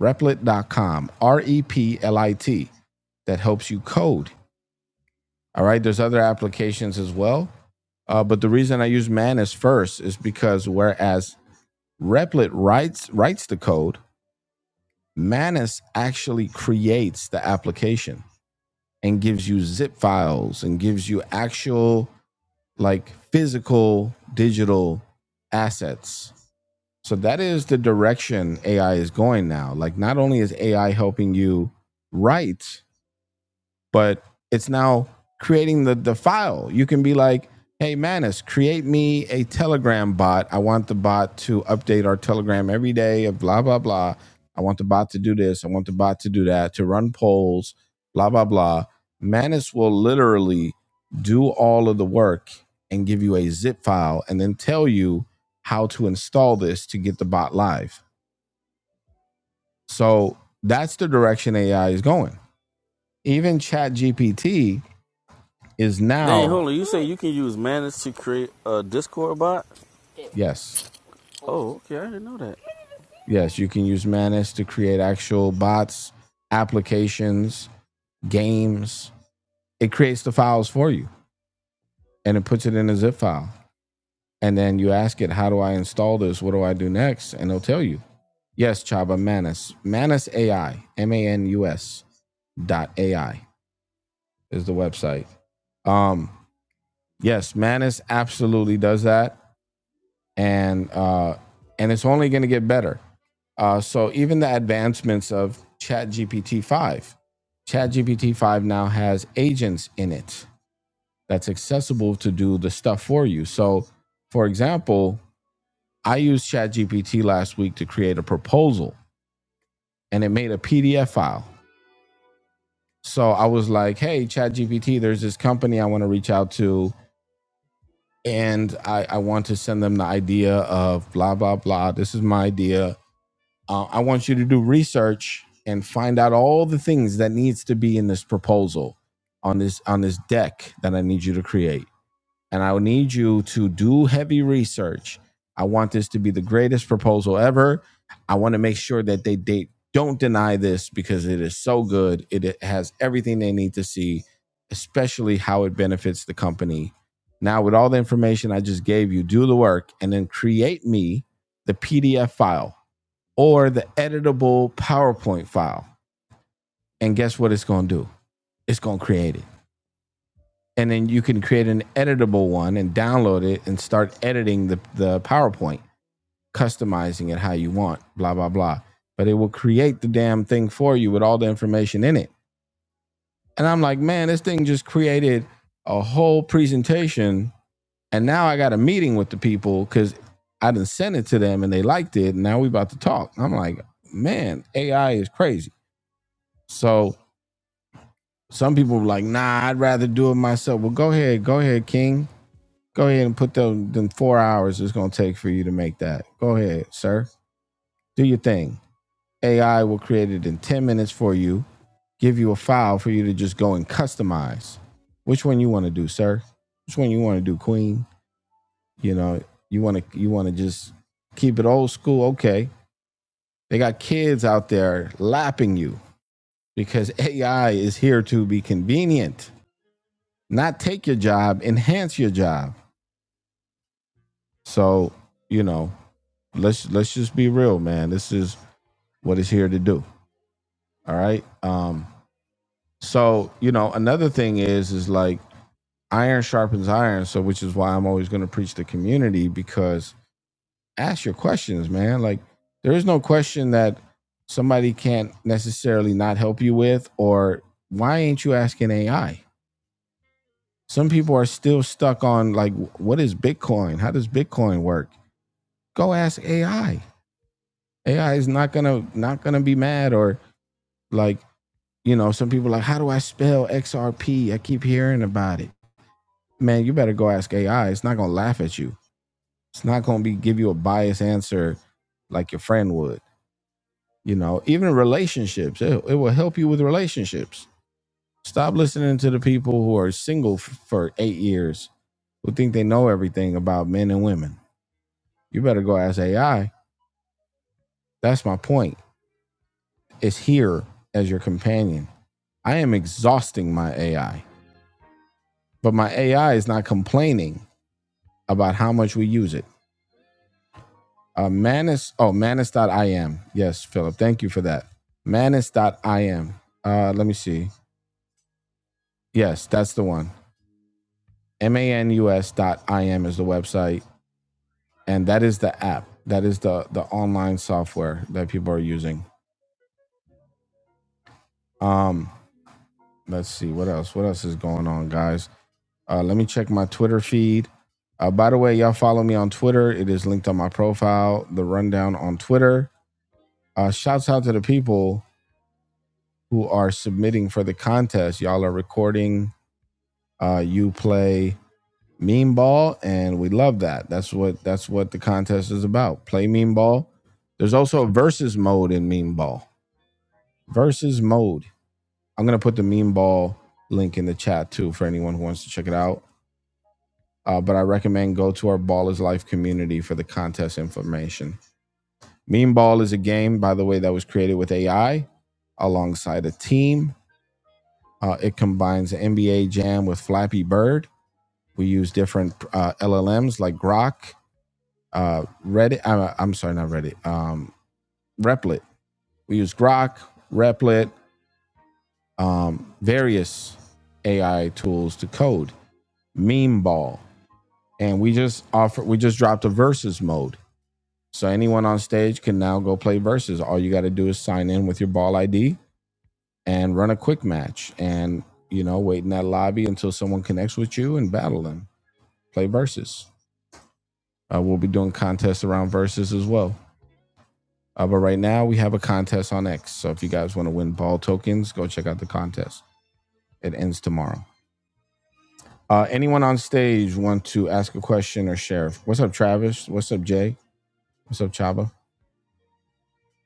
A: replit.com, R E P L I T, that helps you code. All right, there's other applications as well. Uh, but the reason I use Manus first is because whereas Replit writes writes the code, Manus actually creates the application. and gives you zip files and gives you actual like physical digital assets. So that is the direction AI is going now. Like not only is AI helping you write, but it's now creating the the file. You can be like, "Hey, Manus, create me a Telegram bot. I want the bot to update our Telegram every day. Of blah blah blah. I want the bot to do this. I want the bot to do that. To run polls. Blah blah blah." Manus will literally do all of the work and give you a zip file, and then tell you how to install this to get the bot live. So that's the direction AI is going. Even ChatGPT is
G: Dang,
A: now
G: hold on. You say you can use Manage to create a Discord bot?
A: Yes.
G: Oh, okay. I didn't know that.
A: Yes, you can use Manus to create actual bots, applications, games. It creates the files for you and it puts it in a zip file. And then you ask it, how do I install this? What do I do next? And it'll tell you. Yes, Chaba Manus. Manus AI, M A N U S dot AI is the website. Um, yes, Manus absolutely does that. And uh, and it's only gonna get better. Uh, so even the advancements of ChatGPT 5, ChatGPT 5 now has agents in it that's accessible to do the stuff for you. So, for example, I used ChatGPT last week to create a proposal and it made a PDF file. So I was like, hey, ChatGPT, there's this company I want to reach out to and I, I want to send them the idea of blah, blah, blah. This is my idea uh, i want you to do research and find out all the things that needs to be in this proposal on this on this deck that i need you to create and i will need you to do heavy research i want this to be the greatest proposal ever i want to make sure that they they don't deny this because it is so good it it has everything they need to see especially how it benefits the company now with all the information i just gave you do the work and then create me the pdf file or the editable PowerPoint file. And guess what it's going to do? It's going to create it. And then you can create an editable one and download it and start editing the, the PowerPoint, customizing it how you want, blah, blah, blah. But it will create the damn thing for you with all the information in it. And I'm like, man, this thing just created a whole presentation. And now I got a meeting with the people because I did sent it to them and they liked it. And now we about to talk. I'm like, man, AI is crazy. So, Some people were like, nah, I'd rather do it myself. Well, go ahead, go ahead, King. Go ahead and put them, them four hours it's gonna take for you to make that. Go ahead, sir. Do your thing. AI will create it in 10 minutes for you, give you a file for you to just go and customize. Which one you want to do, sir? Which one you want to do, Queen? You know, you wanna you wanna just keep it old school, okay. They got kids out there lapping you because AI is here to be convenient not take your job, enhance your job. So, you know, let's let's just be real, man. This is what it's here to do. All right. Um, so, you know, another thing is is like iron sharpens iron, so which is why I'm always gonna preach the community because ask your questions, man. Like there is no question that somebody can't necessarily not help you with or why ain't you asking AI? Some people are still stuck on like what is Bitcoin? How does Bitcoin work? go ask AI. AI is not gonna not gonna be mad or like you know some people are like how do I spell XRP? I keep hearing about it. Man, you better go ask AI. It's not gonna laugh at you. It's not gonna be give you a biased answer like your friend would. You know, even relationships, it, it will help you with relationships. Stop listening to the people who are single f- for eight years who think they know everything about men and women. You better go ask AI. That's my point. It's here as your companion I am exhausting my AI, but my AI is not complaining about how much we use it. Uh, Manus, oh, Manus.im. Yes, Philip, thank you for that. Manus. Manus.im. Uh, let me see. Yes, that's the one. M-A-N-U-S dot I-M is the website, and that is the app. That is the the online software that people are using. Um, let's see what else. What else is going on, guys? Uh, let me check my Twitter feed. Uh, by the way, y'all follow me on Twitter. It is linked on my profile, The Rundown on Twitter. Uh, shouts out to the people who are submitting for the contest. Y'all are recording. Uh, you play meme ball, and we love that. That's what that's what the contest is about. Play meme ball. There's also a versus mode in meme ball. Versus mode. I'm gonna put the meme ball link in the chat too for anyone who wants to check it out. Uh, but I recommend go to our Ballers Life community for the contest information. Meme Ball is a game, by the way, that was created with AI alongside a team. Uh, it combines NBA Jam with Flappy Bird. We use different uh, LLMs like Grok, uh, Reddit. I'm, I'm sorry, not Reddit. Um, Replit. We use Grok, Replit, um, various AI tools to code. Meme Ball, and we just offer. We just dropped a versus mode So anyone on stage can now go play versus. All you got to do is sign in with your ball ID and run a quick match and, you know, wait in that lobby until someone connects with you and battle them. Play versus. Uh, we'll be doing contests around versus as well. Uh, but right now we have a contest on X. So if you guys want to win ball tokens, go check out the contest. It ends tomorrow. Uh, anyone on stage want to ask a question or share? What's up, Travis? What's up, Jay? What's up, Chaba?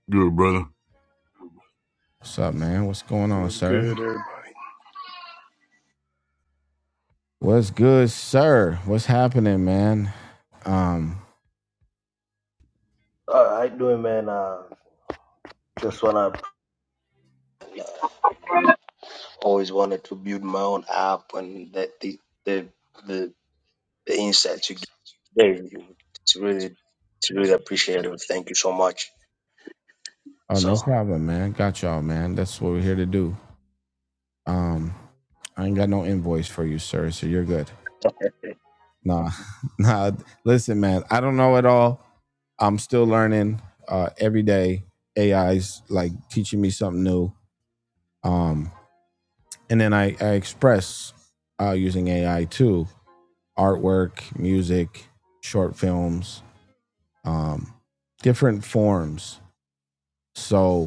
H: Good, brother.
A: What's up, man? What's going on,
I: What's
A: sir?
I: good, everybody?
A: What's good, sir? What's happening, man? Um,
J: All right, doing man. Uh, just wanna always wanted to build my own app, and that the the the, the insights you gave, it's really it's really appreciated. Thank you so much.
A: oh no
J: So,
A: problem, man. Got y'all, man. That's what we're here to do. Um, I ain't got no invoice for you, sir, so you're good.
J: uh,
A: Nah, nah. Listen, man, I don't know it all. I'm still learning uh, every day. AI's like teaching me something new. Um, and then I, I express uh, using AI too artwork, music, short films, um, different forms. So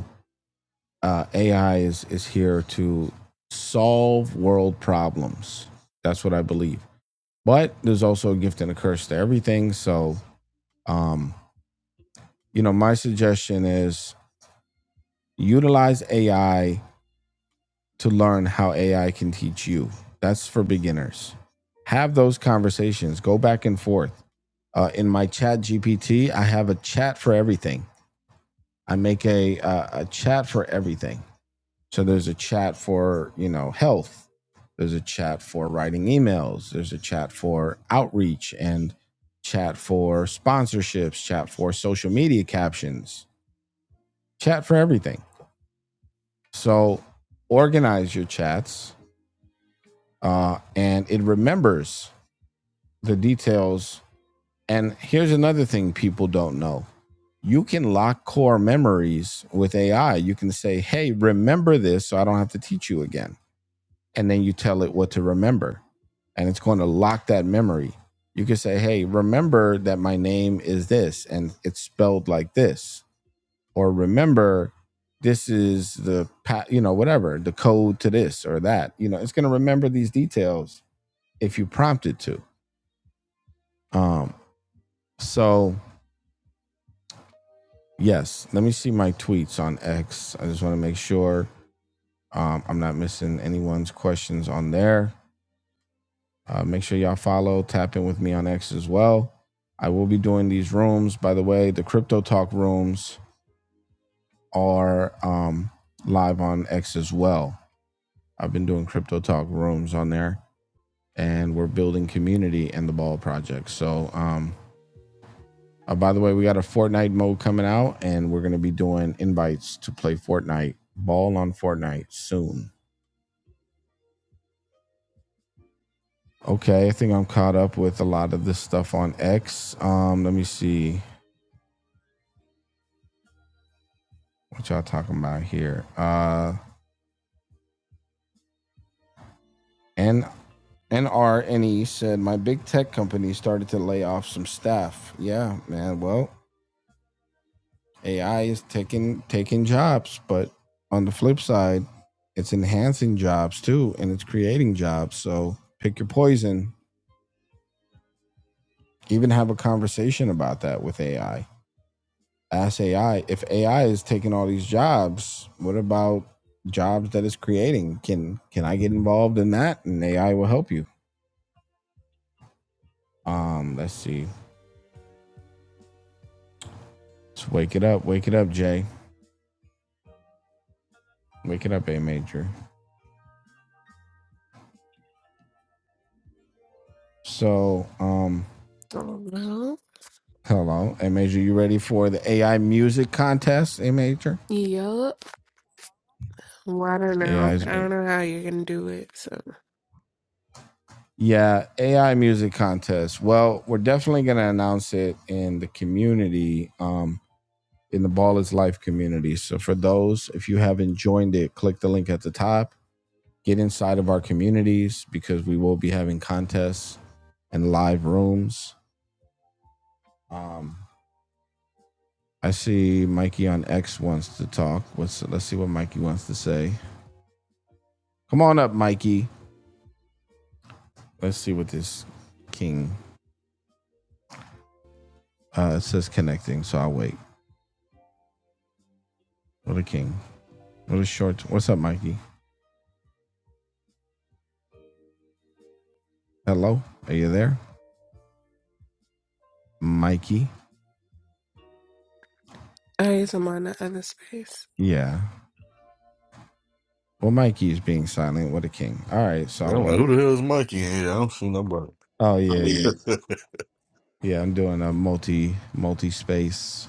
A: uh, AI is is here to solve world problems. That's what I believe. But there's also a gift and a curse to everything. So, um, you know, my suggestion is utilize AI to learn how AI can teach you. That's for beginners. Have those conversations. Go back and forth. Uh, in my chat GPT, I have a chat for everything. I make a uh, a chat for everything. So there's a chat for, you know, health. There's a chat for writing emails. There's a chat for outreach and chat for sponsorships, chat for social media captions, chat for everything. So organize your chats uh, and it remembers the details. And here's another thing people don't know you can lock core memories with AI. You can say, hey, remember this so I don't have to teach you again and then you tell it what to remember and it's going to lock that memory you can say hey remember that my name is this and it's spelled like this or remember this is the pa- you know whatever the code to this or that you know it's going to remember these details if you prompt it to um so yes let me see my tweets on x i just want to make sure um, i'm not missing anyone's questions on there Uh, make sure y'all follow, tap in with me on X as well. I will be doing these rooms. By the way, the Crypto Talk rooms are um, live on X as well. I've been doing Crypto Talk rooms on there, and we're building community in the Ball Project. So, um, uh, by the way, we got a Fortnite mode coming out, and we're going to be doing invites to play Fortnite, Ball on Fortnite soon. Okay, I think I'm caught up with a lot of this stuff on X. Um, let me see. What y'all talking about here? Uh, and N NRNE said my big tech company started to lay off some staff. Yeah, man. Well, AI is taking taking jobs, but on the flip side, it's enhancing jobs too, and it's creating jobs. So pick your poison. Even have a conversation about that with AI. Ask AI if AI is taking all these jobs. What about jobs that it's creating? Can can I get involved in that? And AI will help you. Um, let's see. Just wake it up, wake it up, Jay. Wake it up, A Major. So, um,
C: no.
A: hello, A Major. You ready for the AI music contest, A Major?
C: Yup. Well, I don't know.
A: AI's
C: I don't
A: been
C: know how you're gonna do it. So
A: yeah, AI music contest. Well, we're definitely going to announce it in the community, um, in the Ball is Life community. So, for those, if you haven't joined it, click the link at the top, get inside of our communities because we will be having contests and live rooms. Um, I see Mikey on X wants to talk. Let's let's see what Mikey wants to say. Come on up, Mikey. Let's see what this king. Uh, it says connecting, so I'll wait. What a king. What a short. What's up, Mikey? Hello. Are you there, Mikey?
C: I guess I'm on the other space.
A: Yeah. Well, Mikey is being silent. What a king. All right, so I'll
H: I'm like,
A: wait.
H: who the hell is Mikey in here? I don't see nobody.
A: Oh yeah, yeah, yeah. I'm doing a multi multi space.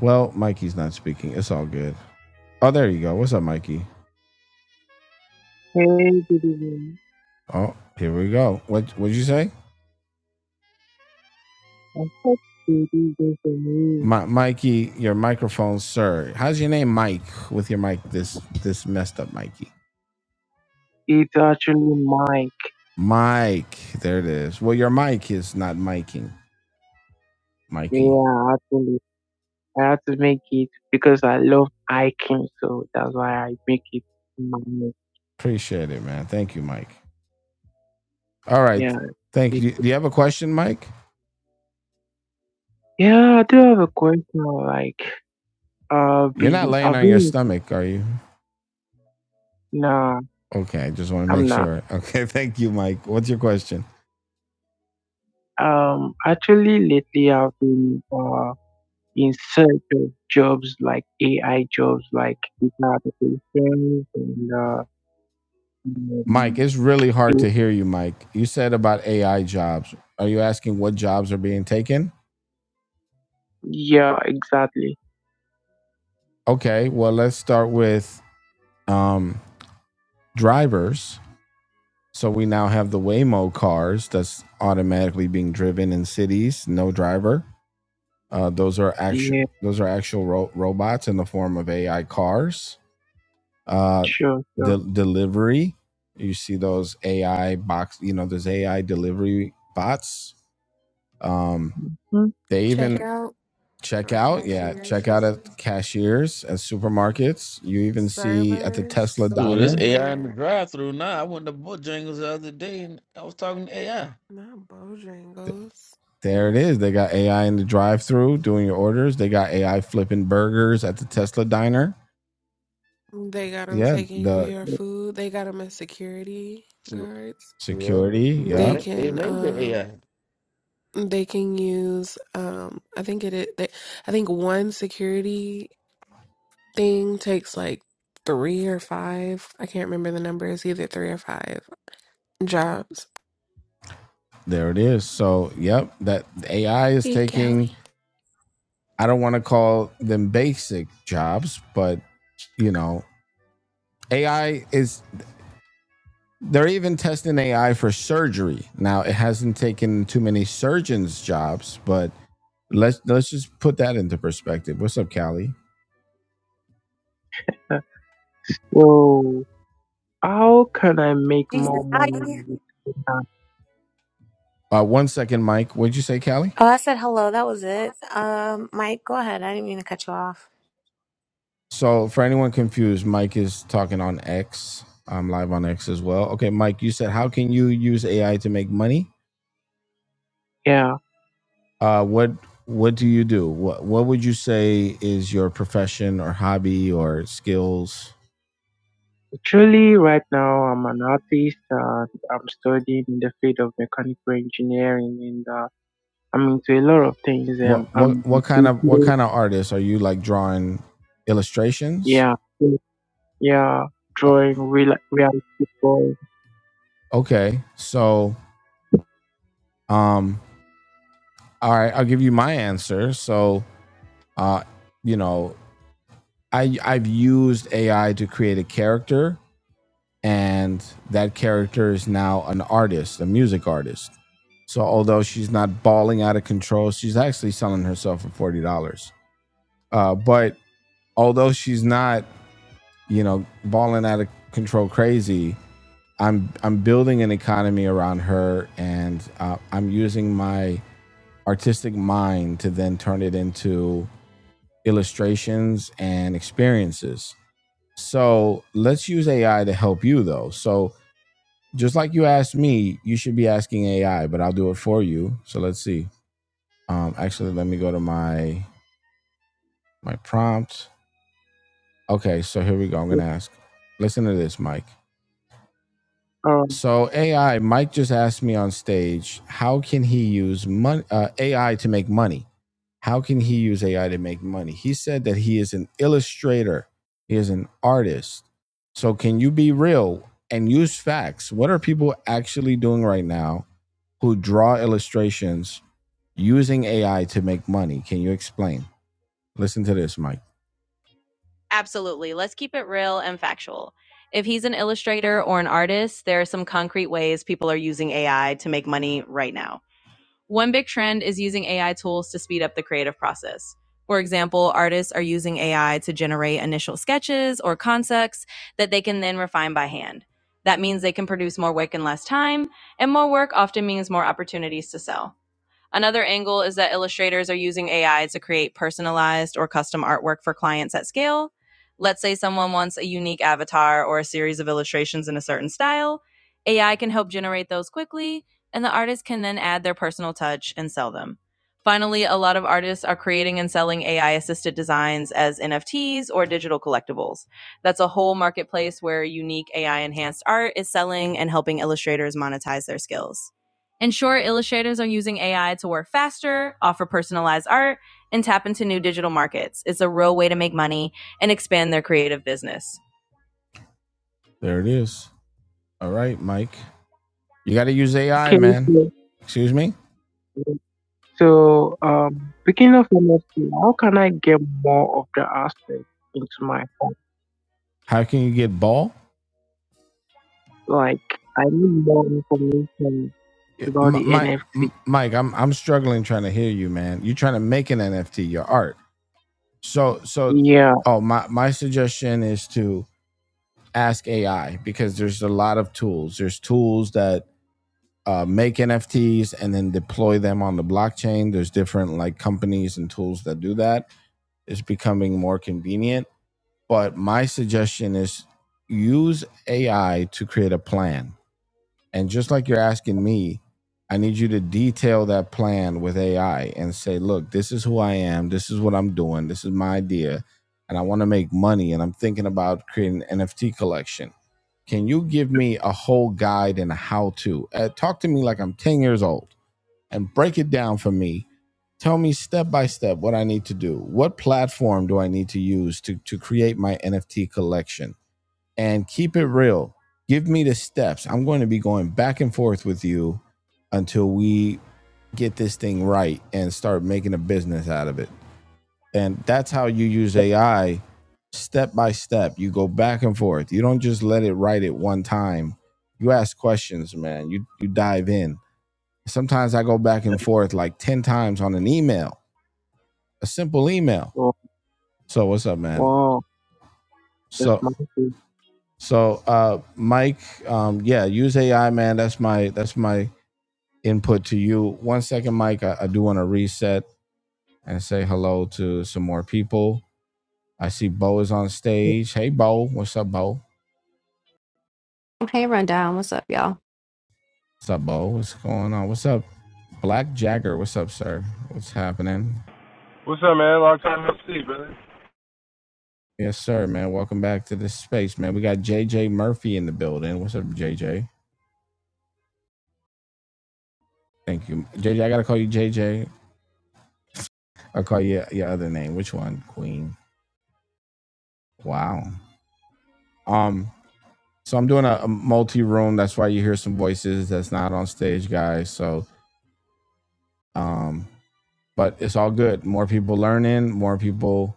A: Well, Mikey's not speaking. It's all good. Oh, there you go. What's up, Mikey? Oh, here we go. What what'd you say? My, Mikey, your microphone, sir. How's your name, Mike? With your mic, this this messed up, Mikey. It's actually Mike. Mike, there it is. Well, your mic is not miking, Mikey. Yeah, actually, I had to make it because I love hiking, so that's why I make it Mike. Appreciate it, man. Thank you, Mike. All right, Yeah, thank you. Do you have a question, Mike? yeah. I do have a question. Like, uh, You're not laying I've on your been stomach, are you? No, Okay, I just want to I'm make not. sure. Okay, thank you, Mike. What's your question? Um, actually, lately I've been uh, in search of jobs like AI jobs, like data applications and uh, Mike, um, it's really hard um, to hear you, Mike. You said about AI jobs. Are you asking what jobs are being taken? yeah, exactly. Okay, well, let's start with um, drivers So we now have the Waymo cars that's automatically being driven in cities, no driver. Uh, those are actual Yeah, those are actual ro- robots in the form of AI cars. Uh, sure, sure. de- delivery. You see those AI box, you know, those AI delivery bots. Um, Mhm. they even
C: Checkout
A: check
C: or
A: out, yeah, check out
C: cashiers,
A: at cashiers at supermarkets. You even see at the
C: servers.
A: Tesla
G: Ooh, this
A: diner.
G: AI in the
C: Yeah,
G: drive through now. I went to Bojangles the other day and I was talking to AI.
C: not Bojangles.
A: There it is. They got AI in the drive-through doing your orders. They got AI flipping burgers at the Tesla diner.
C: They got them
A: Yeah,
C: taking
A: the
C: your food. They got them as security guards.
G: Yeah.
A: security.
G: They
C: They
A: Yep.
G: made, they
C: can
G: made the AI.
C: um they can use um I think it is they I think one security thing takes like three or five. I can't remember the numbers, either three or five jobs.
A: There it is. So, yep, that AI is
C: Hey, Callie.
A: taking I don't want to call them basic jobs, but you know, AI is they're even testing AI for surgery. Now, it hasn't taken too many surgeons jobs, but let's let's just put that into perspective. What's up, Callie? Whoa. How can I make
K: Jesus.
A: more
K: Hi.
A: money with that? Uh, one second, Mike. What'd you say, Callie?
K: Oh, I said hello. That was it. Um, Mike, go ahead. I didn't mean to cut you off.
A: So, for anyone confused, Mike is talking on X. I'm live on X as well. Okay, Mike, you said how can you use AI to make money? Yeah. Uh, what What do you do? What What would you say is your profession or hobby or skills? Actually, right now I'm an artist and I'm studying in the field of mechanical engineering and I mean, to a lot of things. What Um, what what, I'm what kind into, of what kind of artists are you like drawing illustrations? yeah, yeah, drawing real reality drawing. Okay. So, um, all right, I'll give you my answer. So, uh, you know, I I've used AI to create a character, and that character is now an artist, a music artist. So, although she's not bawling out of control, she's actually selling herself for forty dollars. Uh, but although she's not, you know, balling out of control crazy, I'm I'm building an economy around her, and uh, I'm using my artistic mind to then turn it into illustrations and experiences. So let's use AI to help you, though. So just like you asked me, you should be asking AI, but I'll do it for you. So let's see. Um, actually, let me go to my my prompt. Okay, so here we go. I'm gonna ask. Listen to this, Mike. Um, So AI, Mike just asked me on stage, how can he use money, uh, AI to make money? How can he use AI to make money? He said that he is an illustrator, he is an artist. So can you be real and use facts? What are people actually doing right now who draw illustrations using AI to make money? Can you explain? Listen to this, Mike. Absolutely. Let's keep it real and factual. If he's an illustrator or an artist, there are some concrete ways people are using AI to make money right now. One big trend is using AI tools to speed up the creative process. For example, artists are using AI to generate initial sketches or concepts that they can then refine by hand. That means they can produce more work in less time, and more work often means more opportunities to sell. Another angle is that illustrators are using AI to create personalized or custom artwork for clients at scale. Let's say someone wants a unique avatar or a series of illustrations in a certain style. AI can help generate those quickly, and the artist can then add their personal touch and sell them. Finally, a lot of artists are creating and selling AI assisted designs as NFTs or digital collectibles. That's a whole marketplace where unique AI enhanced art is selling and helping illustrators monetize their skills. In short, illustrators are using AI to work faster, offer personalized art, and tap into new digital markets. It's a real way to make money and expand their creative business. There it is. All right, Mike. You got to use AI, man. So, Excuse me? so um, speaking of NFT, how can I get more of the aspect into my phone? How can you get ball? Like, I need more information Yeah, about the Mi- NFT. M- Mike, I'm I'm struggling trying to hear you, man. You're trying to make an NFT, your art. So so Yeah. oh my my suggestion is to ask AI because there's a lot of tools. There's tools that uh, make NFTs and then deploy them on the blockchain. There's different like companies and tools that do that. It's becoming more convenient. But my suggestion is use AI to create a plan And just like you're asking me, I need you to detail that plan with AI and say, look, this is who I am. This is what I'm doing. This is my idea. And I want to make money. And I'm thinking about creating an NFT collection. Can you give me a whole guide and a how to? Uh, talk to me like I'm 10 years old and break it down for me. Tell me step by step what I need to do. What platform do I need to use to, to create my NFT collection? and keep it real. Give me the steps. I'm going to be going back and forth with you until we get this thing right and start making a business out of it. And that's how you use AI step by step. You go back and forth. You don't just let it write it one time. You ask questions, man. You you dive in. Sometimes I go back and forth like 10 times on an email, a simple email. Wow, So what's up, man? wow, So nice. So, uh, Mike, um, yeah, use AI, man. That's my that's my input to you. One second, Mike. I, I do want to reset and say hello to some more people. I see Bo is on stage. Hey, Bo, what's up, Bo?
L: Hey, Rundown. What's up, y'all?
A: What's up, Bo? What's going on? What's up, Black Jagger? What's up, sir? What's happening?
F: What's up, man? Long time no see, brother.
A: Yes, sir, man. Welcome back to this space, man. We got JJ Murphy in the building. What's up, JJ? Thank you, JJ. I gotta call you JJ. I'll call you your other name. Which one, Queen? Wow. Um, So I'm doing a, a multi room. That's why you hear some voices that's not on stage, guys. So, um, but it's all good. More people learning, more people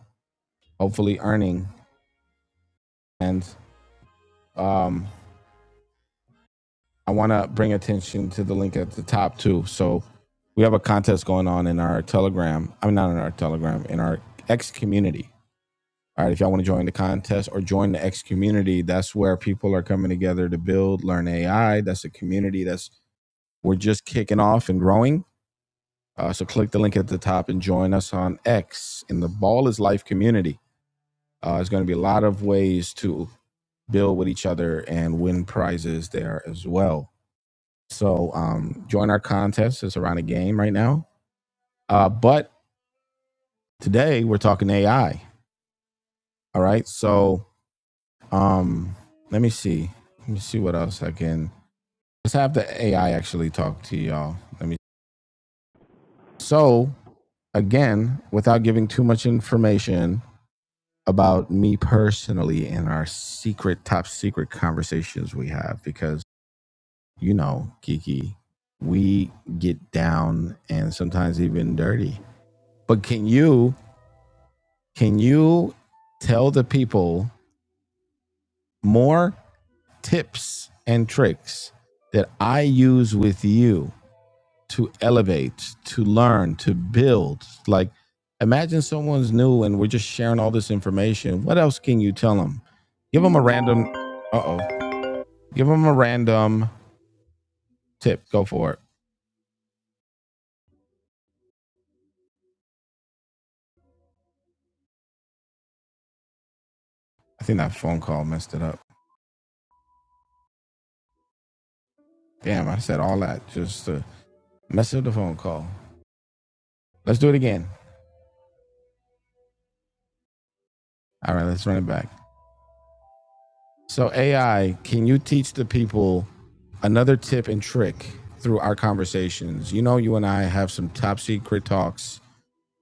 A: hopefully earning, and um, I want to bring attention to the link at the top too. So we have a contest going on in our Telegram. I'm not in our Telegram in our X community. All right, if y'all want to join the contest or join the X community, that's where people are coming together to build, learn AI. That's a community that's we're just kicking off and growing Uh, so click the link at the top and join us on X in the Ball is Life community. Uh, there's going to be a lot of ways to build with each other and win prizes there as well. So um, join our contest. It's around a game right now. Uh, but today we're talking AI. All right. So um, let me see. Let me see what else I can. Let's have the AI actually talk to y'all. Let me. So again, without giving too much information, about me personally and our secret, top secret conversations we have because, you know, Kiki, we get down and sometimes even dirty. But can you, can you tell the people more tips and tricks that I use with you to elevate, to learn, to build? Like, imagine someone's new and we're just sharing all this information. What else can you tell them? Give them a random, uh oh. Give them a random tip. Go for it. I think that phone call messed it up. Damn, I said all that just to mess up the phone call. Let's do it again. All right, let's run it back. So, AI, can you teach the people another tip and trick through our conversations? You know, you and I have some top secret talks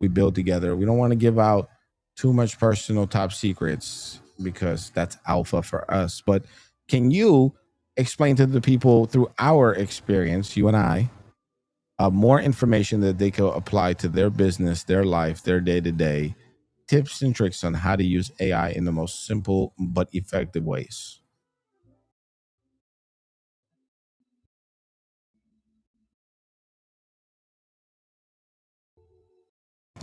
A: we build together. We don't want to give out too much personal top secrets because that's alpha for us. But can you explain to the people through our experience, you and I, uh, more information that they can apply to their business, their life, their day to day, tips and tricks on how to use AI in the most simple but effective ways.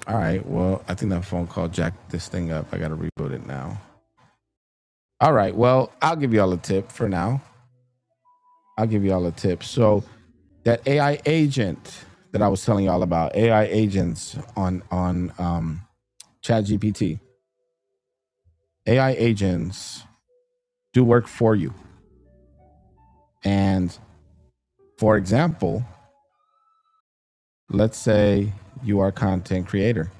A: All right. Well, I think that phone call jacked this thing up. I got to reboot it now. All right. Well, I'll give you all a tip for now. I'll give you all a tip. So that AI agent that I was telling you all about, AI agents on on um, ChatGPT, AI agents do work for you. And for example, Let's say you are a content creator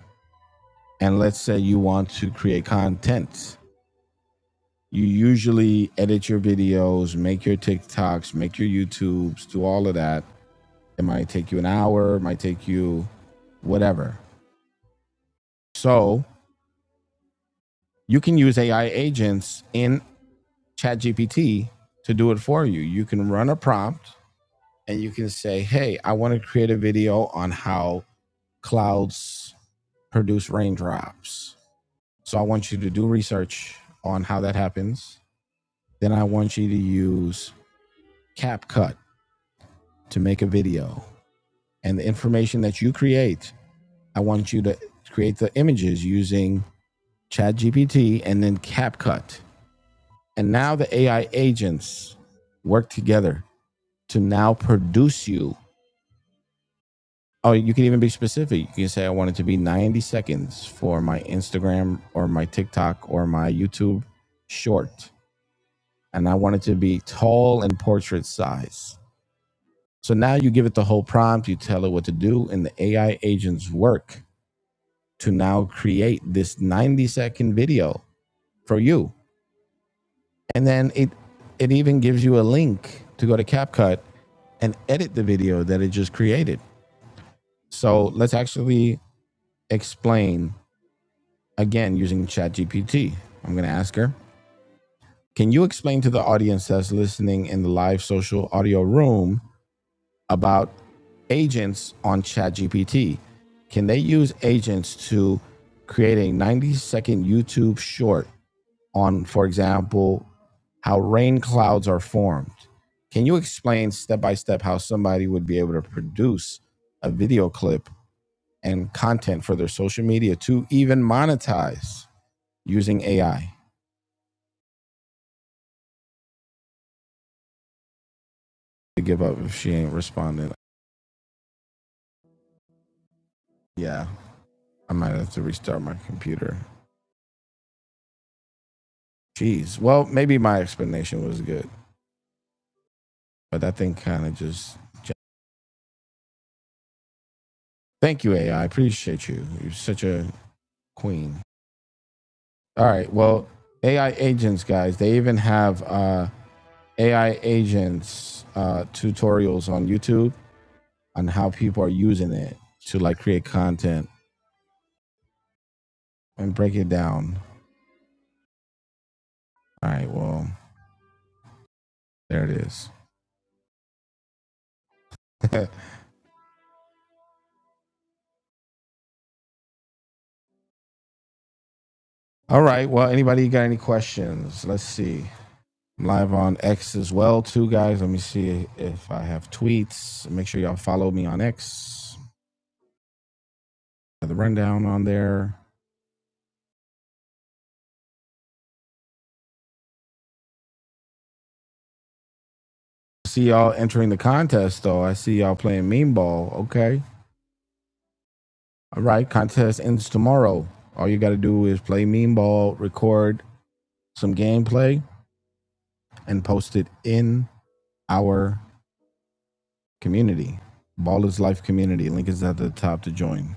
A: and let's say you want to create content. You usually edit your videos, make your TikToks, make your YouTubes, do all of that. It might take you an hour, it might take you whatever. So you can use AI agents in ChatGPT to do it for you. You can run a prompt and you can say, hey, I want to create a video on how clouds produce raindrops. So I want you to do research on how that happens. Then I want you to use CapCut to make a video. And the information that you create, I want you to create the images using ChatGPT and then CapCut. And now the AI agents work together to now produce you. Oh, you can even be specific. You can say, I want it to be 90 seconds for my Instagram or my TikTok or my YouTube short and I want it to be tall and portrait size. So now you give it the whole prompt, you tell it what to do, and the AI agents work to now create this 90 second video for you. And then it it even gives you a link to go to CapCut and edit the video that it just created. So let's actually explain again using ChatGPT. I'm going to ask her, "Can you explain to the audience that's listening in the live social audio room about agents on ChatGPT. Can they use agents to create a 90 second YouTube short on, for example, how rain clouds are formed? Can you explain step by step how somebody would be able to produce a video clip and content for their social media to even monetize using AI? To give up if she ain't responded. Yeah, I might have to restart my computer. Jeez. Well, maybe my explanation was good. but that thing kind of just. Thank you, AI. I I appreciate you. You're such a queen. All right. Well, AI agents, guys, they even have uh, AI agents uh, tutorials on YouTube on how people are using it to like create content and break it down. All right. Well, there it is. All right. Well, anybody got any questions? Let's see. I'm live on X as well, too, guys. Let me see if I have tweets. Make sure y'all follow me on X. the rundown on there. See y'all entering the contest though. I see y'all playing mean ball. Okay. All right. Contest ends tomorrow. All you got to do is play mean ball, record some gameplay, and post it in our community. Ball is life community. Link is at the top to join.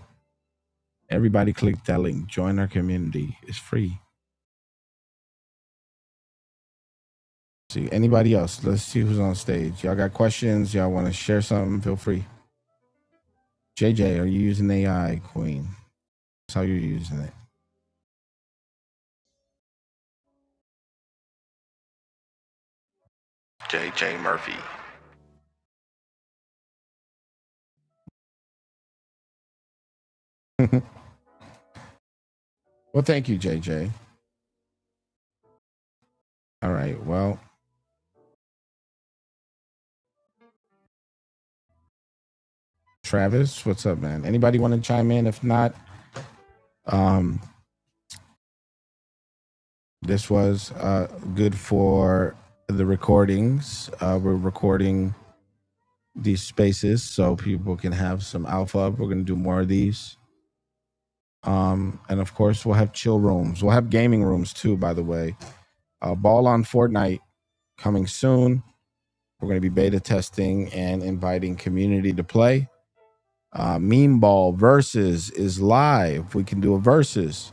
A: Everybody click that link. Join our community. It's free. See anybody else? Let's see who's on stage. Y'all got questions? Y'all want to share something? Feel free. JJ, are you using AI, Queen? That's how you're using it. J J Murphy. Well, thank you, J J. All right. Well, Travis, what's up, man? Anybody want to chime in? If not, um, this was uh, good for the recordings. Uh, we're recording these spaces so people can have some alpha. We're going to do more of these. Um, and of course, we'll have chill rooms. We'll have gaming rooms too, by the way. Uh, Ball on Fortnite coming soon. We're going to be beta testing and inviting community to play Uh, meme ball versus is live. We can do a versus.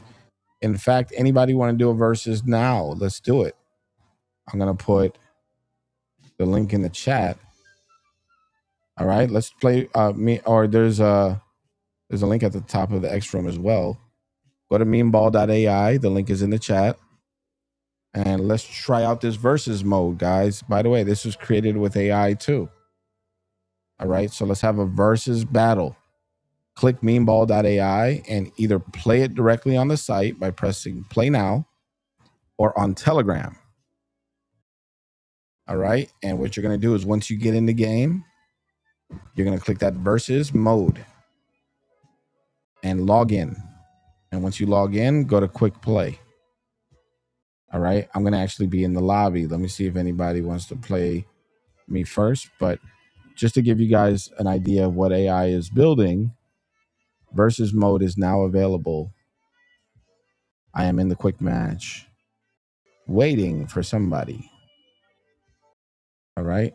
A: In fact, anybody want to do a versus now? Let's do it. I'm gonna put the link in the chat. All right, let's play. Uh, me or there's a there's a link at the top of the X room as well. Go to AI. The link is in the chat, and let's try out this versus mode, guys. By the way, this was created with AI too. All right, so let's have a versus battle. Click AI and either play it directly on the site by pressing play now or on Telegram. All right. And what you're going to do is once you get in the game, you're going to click that versus mode and log in. And once you log in, go to quick play. All right. I'm going to actually be in the lobby. Let me see if anybody wants to play me first. But just to give you guys an idea of what AI is building, versus mode is now available. I am in the quick match waiting for somebody. All right.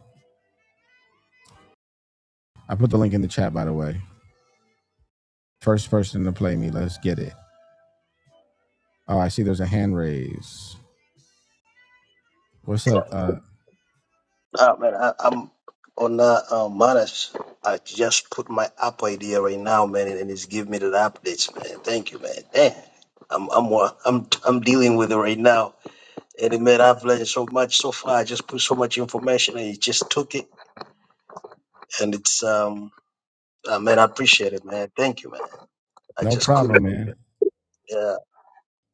A: I put the link in the chat, by the way. First person to play me. Let's get it. Oh, I see there's a hand raise. What's up? Uh,
J: man, I, I'm on uh, uh Manas. I just put my app idea right now, man, and it's giving me the updates, man. Thank you, man. Damn. I'm I'm wa- I'm I'm dealing with it right now, and man, I've learned so much so far. I just put so much information, and it just took it. and it's um uh, man, I appreciate it, man. Thank you, man. I
A: no
J: just couldn't.
A: problem, man.
J: Yeah,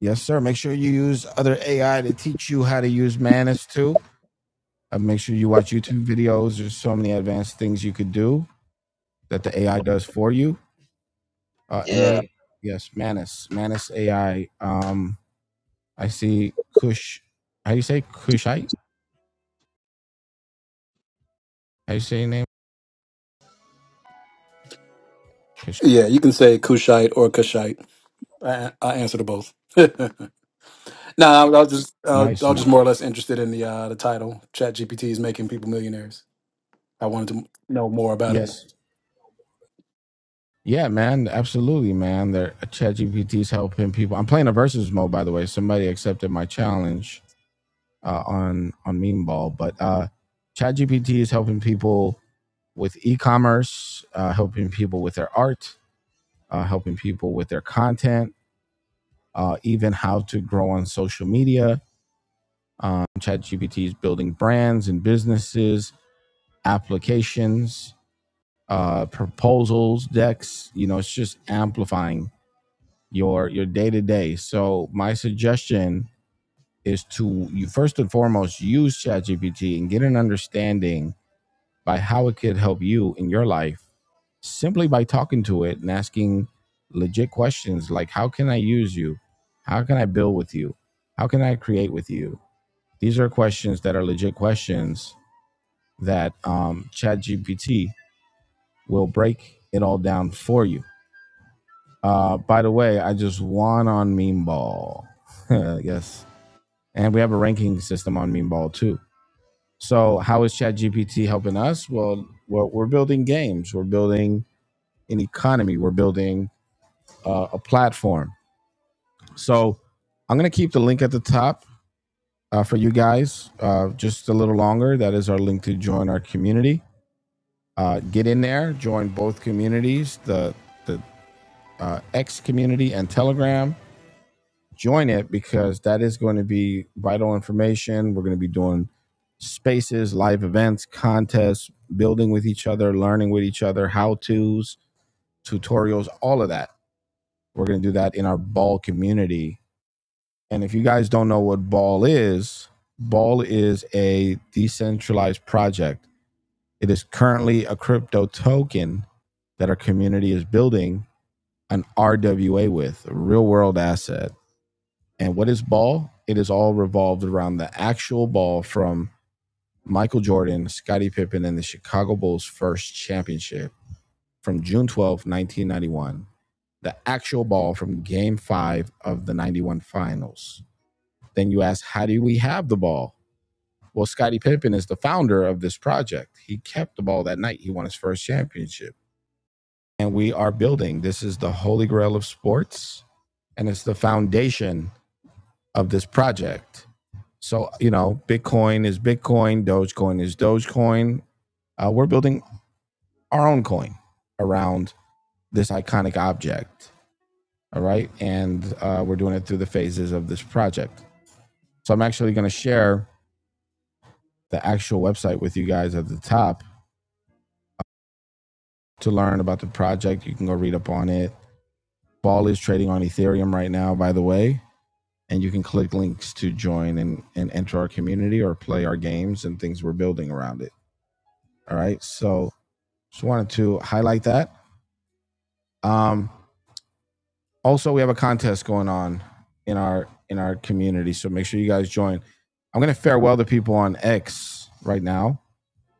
A: Yes, sir. Make sure you use other AI to teach you how to use manners too. Uh, make sure you watch YouTube videos. There's so many advanced things you could do that the AI does for you. Uh,
J: yeah.
A: MA, yes, Manus, Manus AI. Um, I see Kush. How you say Kushite? How you say your name? Kush.
M: Yeah, you can say Cushite or Cushite. I, I answer to both. no, I, was just uh,
A: Nice
M: I was just
A: man.
M: more or less interested in the uh, the title. Chat GPT is making people millionaires. I wanted to know more about it.
A: Yes. Yeah, man. Absolutely, man. They're uh, ChatGPT's helping people. I'm playing a versus mode, by the way. Somebody accepted my challenge uh, on on Meme Ball. But uh, ChatGPT is helping people with e-commerce, uh, helping people with their art, uh, helping people with their content, uh, even how to grow on social media. Um, ChatGPT is building brands and businesses, applications, uh, proposals, decks. You know, it's just amplifying your your day to day. So my suggestion is to you first and foremost use ChatGPT and get an understanding by how it could help you in your life simply by talking to it and asking legit questions like how can I use you? How can I build with you? How can I create with you? These are questions that are legit questions that um, ChatGPT will break it all down for you. Uh, by the way, I just won on Meme Ball. yes. And we have a ranking system on Meme Ball too. So, how is ChatGPT helping us? Well, we're, we're building games. We're building an economy. We're building uh, a platform. So I'm going to keep the link at the top uh, for you guys uh, just a little longer. That is our link to join our community. Uh, get in there, join both communities, the, the uh, X community and Telegram. Join it because that is going to be vital information. We're going to be doing spaces, live events, contests, building with each other, learning with each other, how to's, tutorials, all of that. We're going to do that in our ball community And if you guys don't know what Ball is, Ball is a decentralized project. It is currently a crypto token that our community is building an RWA with, a real world asset. And what is Ball? It is all revolved around the actual ball from Michael Jordan, Scottie Pippen, and the Chicago Bulls' first championship from June twelfth, nineteen 1991. The actual ball from game five of the 91 finals. Then you ask, how do we have the ball? Well, Scottie Pippen is the founder of this project. He kept the ball that night. He won his first championship. And we are building. This is the holy grail of sports, and it's the foundation of this project. So, you know, Bitcoin is Bitcoin, Dogecoin is Dogecoin. Uh, we're building our own coin around this iconic object. All right. And uh, we're doing it through the phases of this project. So, I'm actually going to share the actual website with you guys at the top to learn about the project. You can go read up on it. Ball is trading on Ethereum right now, by the way. And you can click links to join and, and enter our community or play our games and things we're building around it. All right. So just wanted to highlight that. Um, also, we have a contest going on in our in our community. So make sure you guys join. I'm gonna farewell the people on X right now.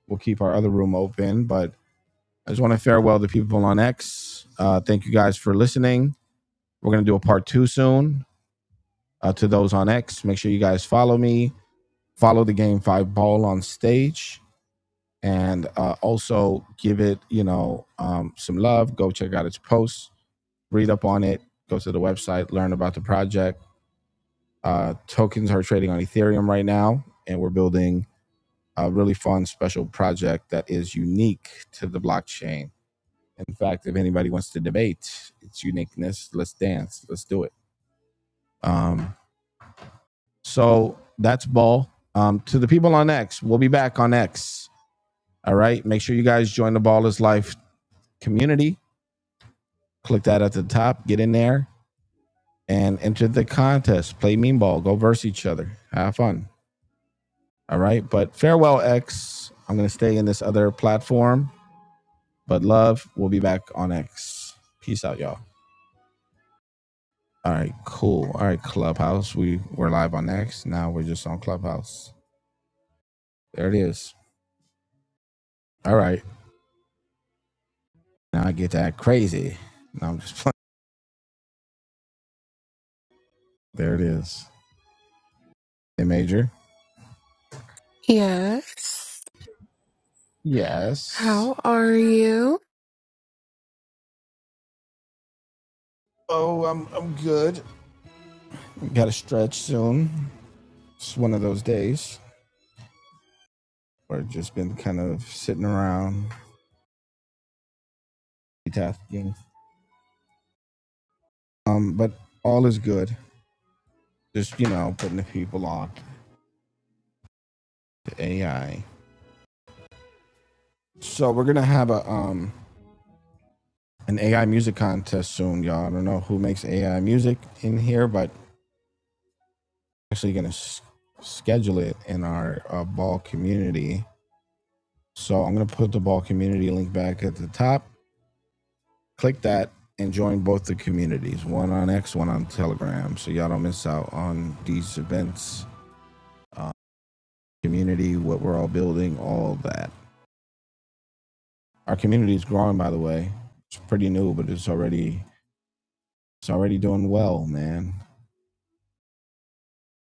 A: We'll keep our other room open, but I just want to farewell the people on X. Uh, thank you guys for listening We're going to do a part two soon. Uh, to those on X, make sure you guys follow me, follow the Game Five Ball on stage, and uh, also give it you know um, some love. Go check out its posts, read up on it, go to the website, learn about the project. Uh, tokens are trading on Ethereum right now, and we're building a really fun special project that is unique to the blockchain. In fact, if anybody wants to debate its uniqueness, let's dance, let's do it. Um, So that's ball. Um, to the people on X, we'll be back on X. All right. Make sure you guys join the Ballers Life community. Click that at the top, get in there and enter the contest. Play mean ball, go verse each other. Have fun. All right. But farewell, X. I'm going to stay in this other platform, but love, we'll be back on X. Peace out, y'all. All right. Cool. All right. Clubhouse. We were live on X. Now we're just on Clubhouse. There it is. All right. Now I get that crazy. Now I'm just playing. There it is. A major.
C: Yes.
A: Yes.
C: How are you?
A: Oh, I'm I'm good. Got to stretch soon. It's one of those days where I've just been kind of sitting around multitasking. Um, but all is good. Just you know, putting the people on to AI. So we're gonna have a um an AI music contest soon, y'all. I don't know who makes AI music in here, but actually gonna s- schedule it in our uh, ball community. So I'm gonna put the ball community link back at the top. click that and join both the communities one on x one on telegram so y'all don't miss out on these events uh, community what we're all building all that our community is growing by the way it's pretty new but it's already it's already doing well man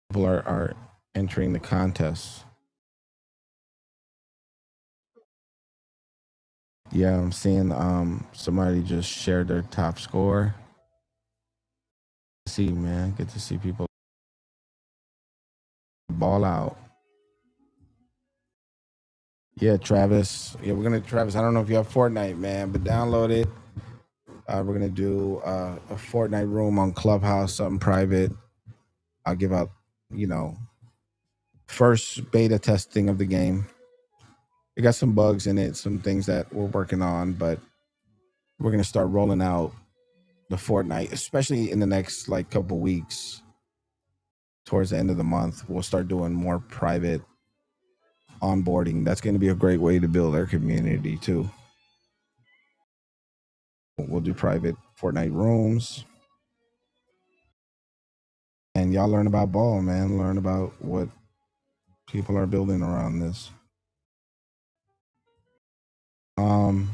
A: people are, are entering the contest yeah i'm seeing um somebody just shared their top score see man good to see people ball out yeah travis yeah we're gonna travis i don't know if you have fortnite man but download it Uh, we're gonna do uh, a Fortnite room on Clubhouse, something private. I'll give out, you know, first beta testing of the game. It got some bugs in it, some things that we're working on, but we're gonna start rolling out the Fortnite, especially in the next like couple weeks. Towards the end of the month, we'll start doing more private onboarding. That's gonna be a great way to build our community too. We'll do private Fortnite rooms, and y'all learn about ball, man. Learn about what people are building around this. Um,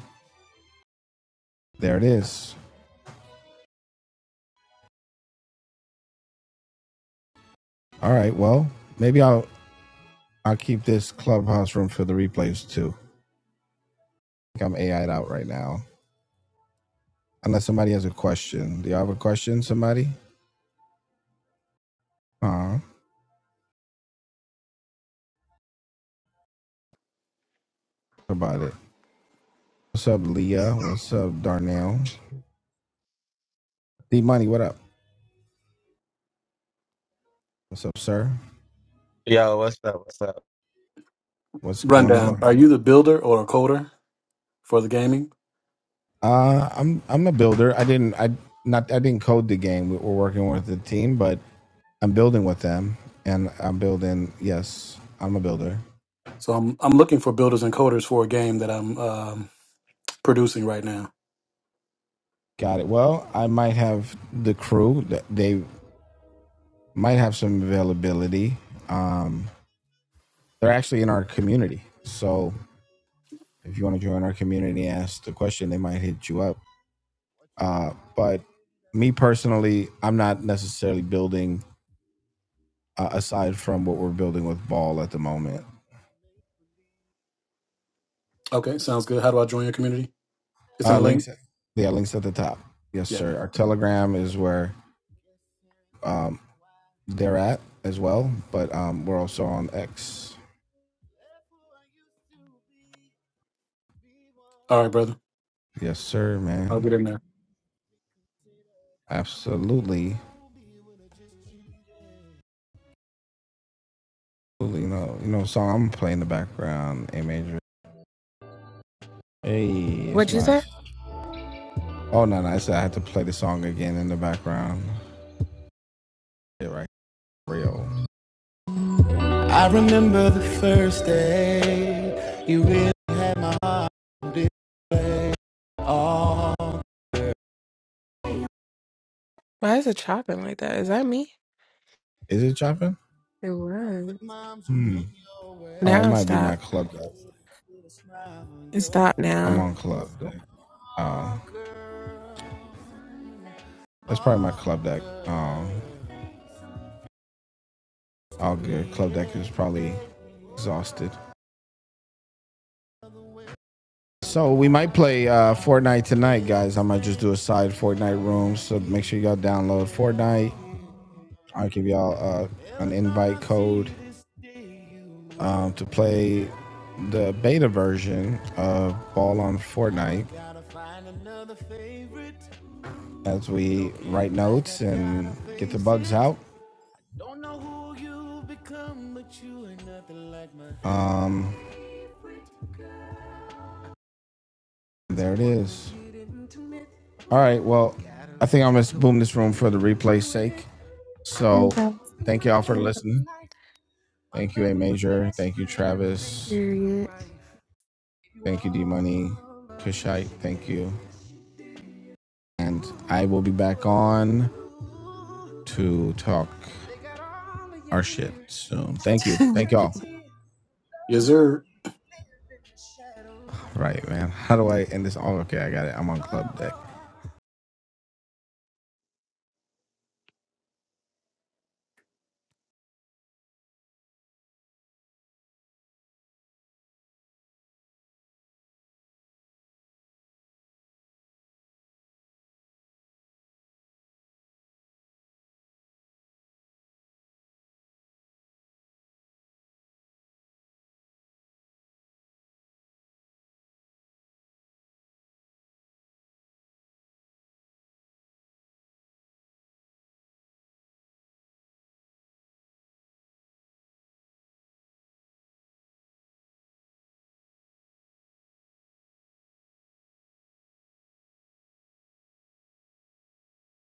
A: There it is. All right. Well, maybe I'll I'll keep this clubhouse room for the replays too. I think I'm AI'd out right now. Unless somebody has a question. Do y'all have a question, somebody? Uh about it. What's up, Leah? What's up, Darnell? D Money, what up? What's up, sir?
N: Yo, what's up? What's up?
A: What's going
M: Rundown:
A: on?
M: Are you the builder or a coder for the gaming?
A: Uh I'm I'm a builder. I didn't I not I didn't code the game. We- are working with the team, but I'm building with them and I'm building yes, I'm a builder.
M: So I'm I'm looking for builders and coders for a game that I'm um, producing right now.
A: Got it. Well, I might have the crew. They might have some availability. Um, they're actually in our community, so if you want to join our community and ask the question, they might hit you up. Uh, but me personally, I'm not necessarily building uh, aside from what we're building with Ball at the moment.
M: Okay, sounds good. How do I join your community? It's in
A: Uh,
M: the link.
A: links, yeah, links at the top. Yes,
M: Yeah.
A: sir. Our Telegram is where um, they're at as well, but um, we're also on X.
M: All right, brother.
A: Yes, sir,
M: I'll
A: man.
M: get in there.
A: Absolutely. Absolutely. No, you know, song I'm playing in the background, A major. Hey, it's
C: What'd you
A: my.
C: say?
A: Oh no, no, I said I had to play the song again in the background. Shit, right, real.
C: Why is it chopping like that? Is that me?
A: Is it chopping?
C: It was.
A: It
C: Now it
A: might be
C: stopped.
A: my club deck.
C: It stopped
A: I'm
C: now.
A: on club deck. Oh, that's probably my club deck. Um, all good. Club deck is probably exhausted. So we might play uh, Fortnite tonight, guys. I might just do a side Fortnite room. So make sure y'all download Fortnite. I'll give y'all uh, an invite code um, to play the beta version of Ball on Fortnite. as we write notes and get the bugs out. Um, there it is. All right. Well, I think I'm going to boom this room for the replay's sake. So
C: Okay.
A: thank y'all for listening. Thank you, A Major. Thank you, Travis.
C: Period.
A: Thank you, D Money. Kushite. Thank you. And I will be back on to talk our shit soon. Thank you. Thank y'all.
M: Yes, sir.
A: Right, man. How do I end this? Oh, okay. I got it. I'm on club deck.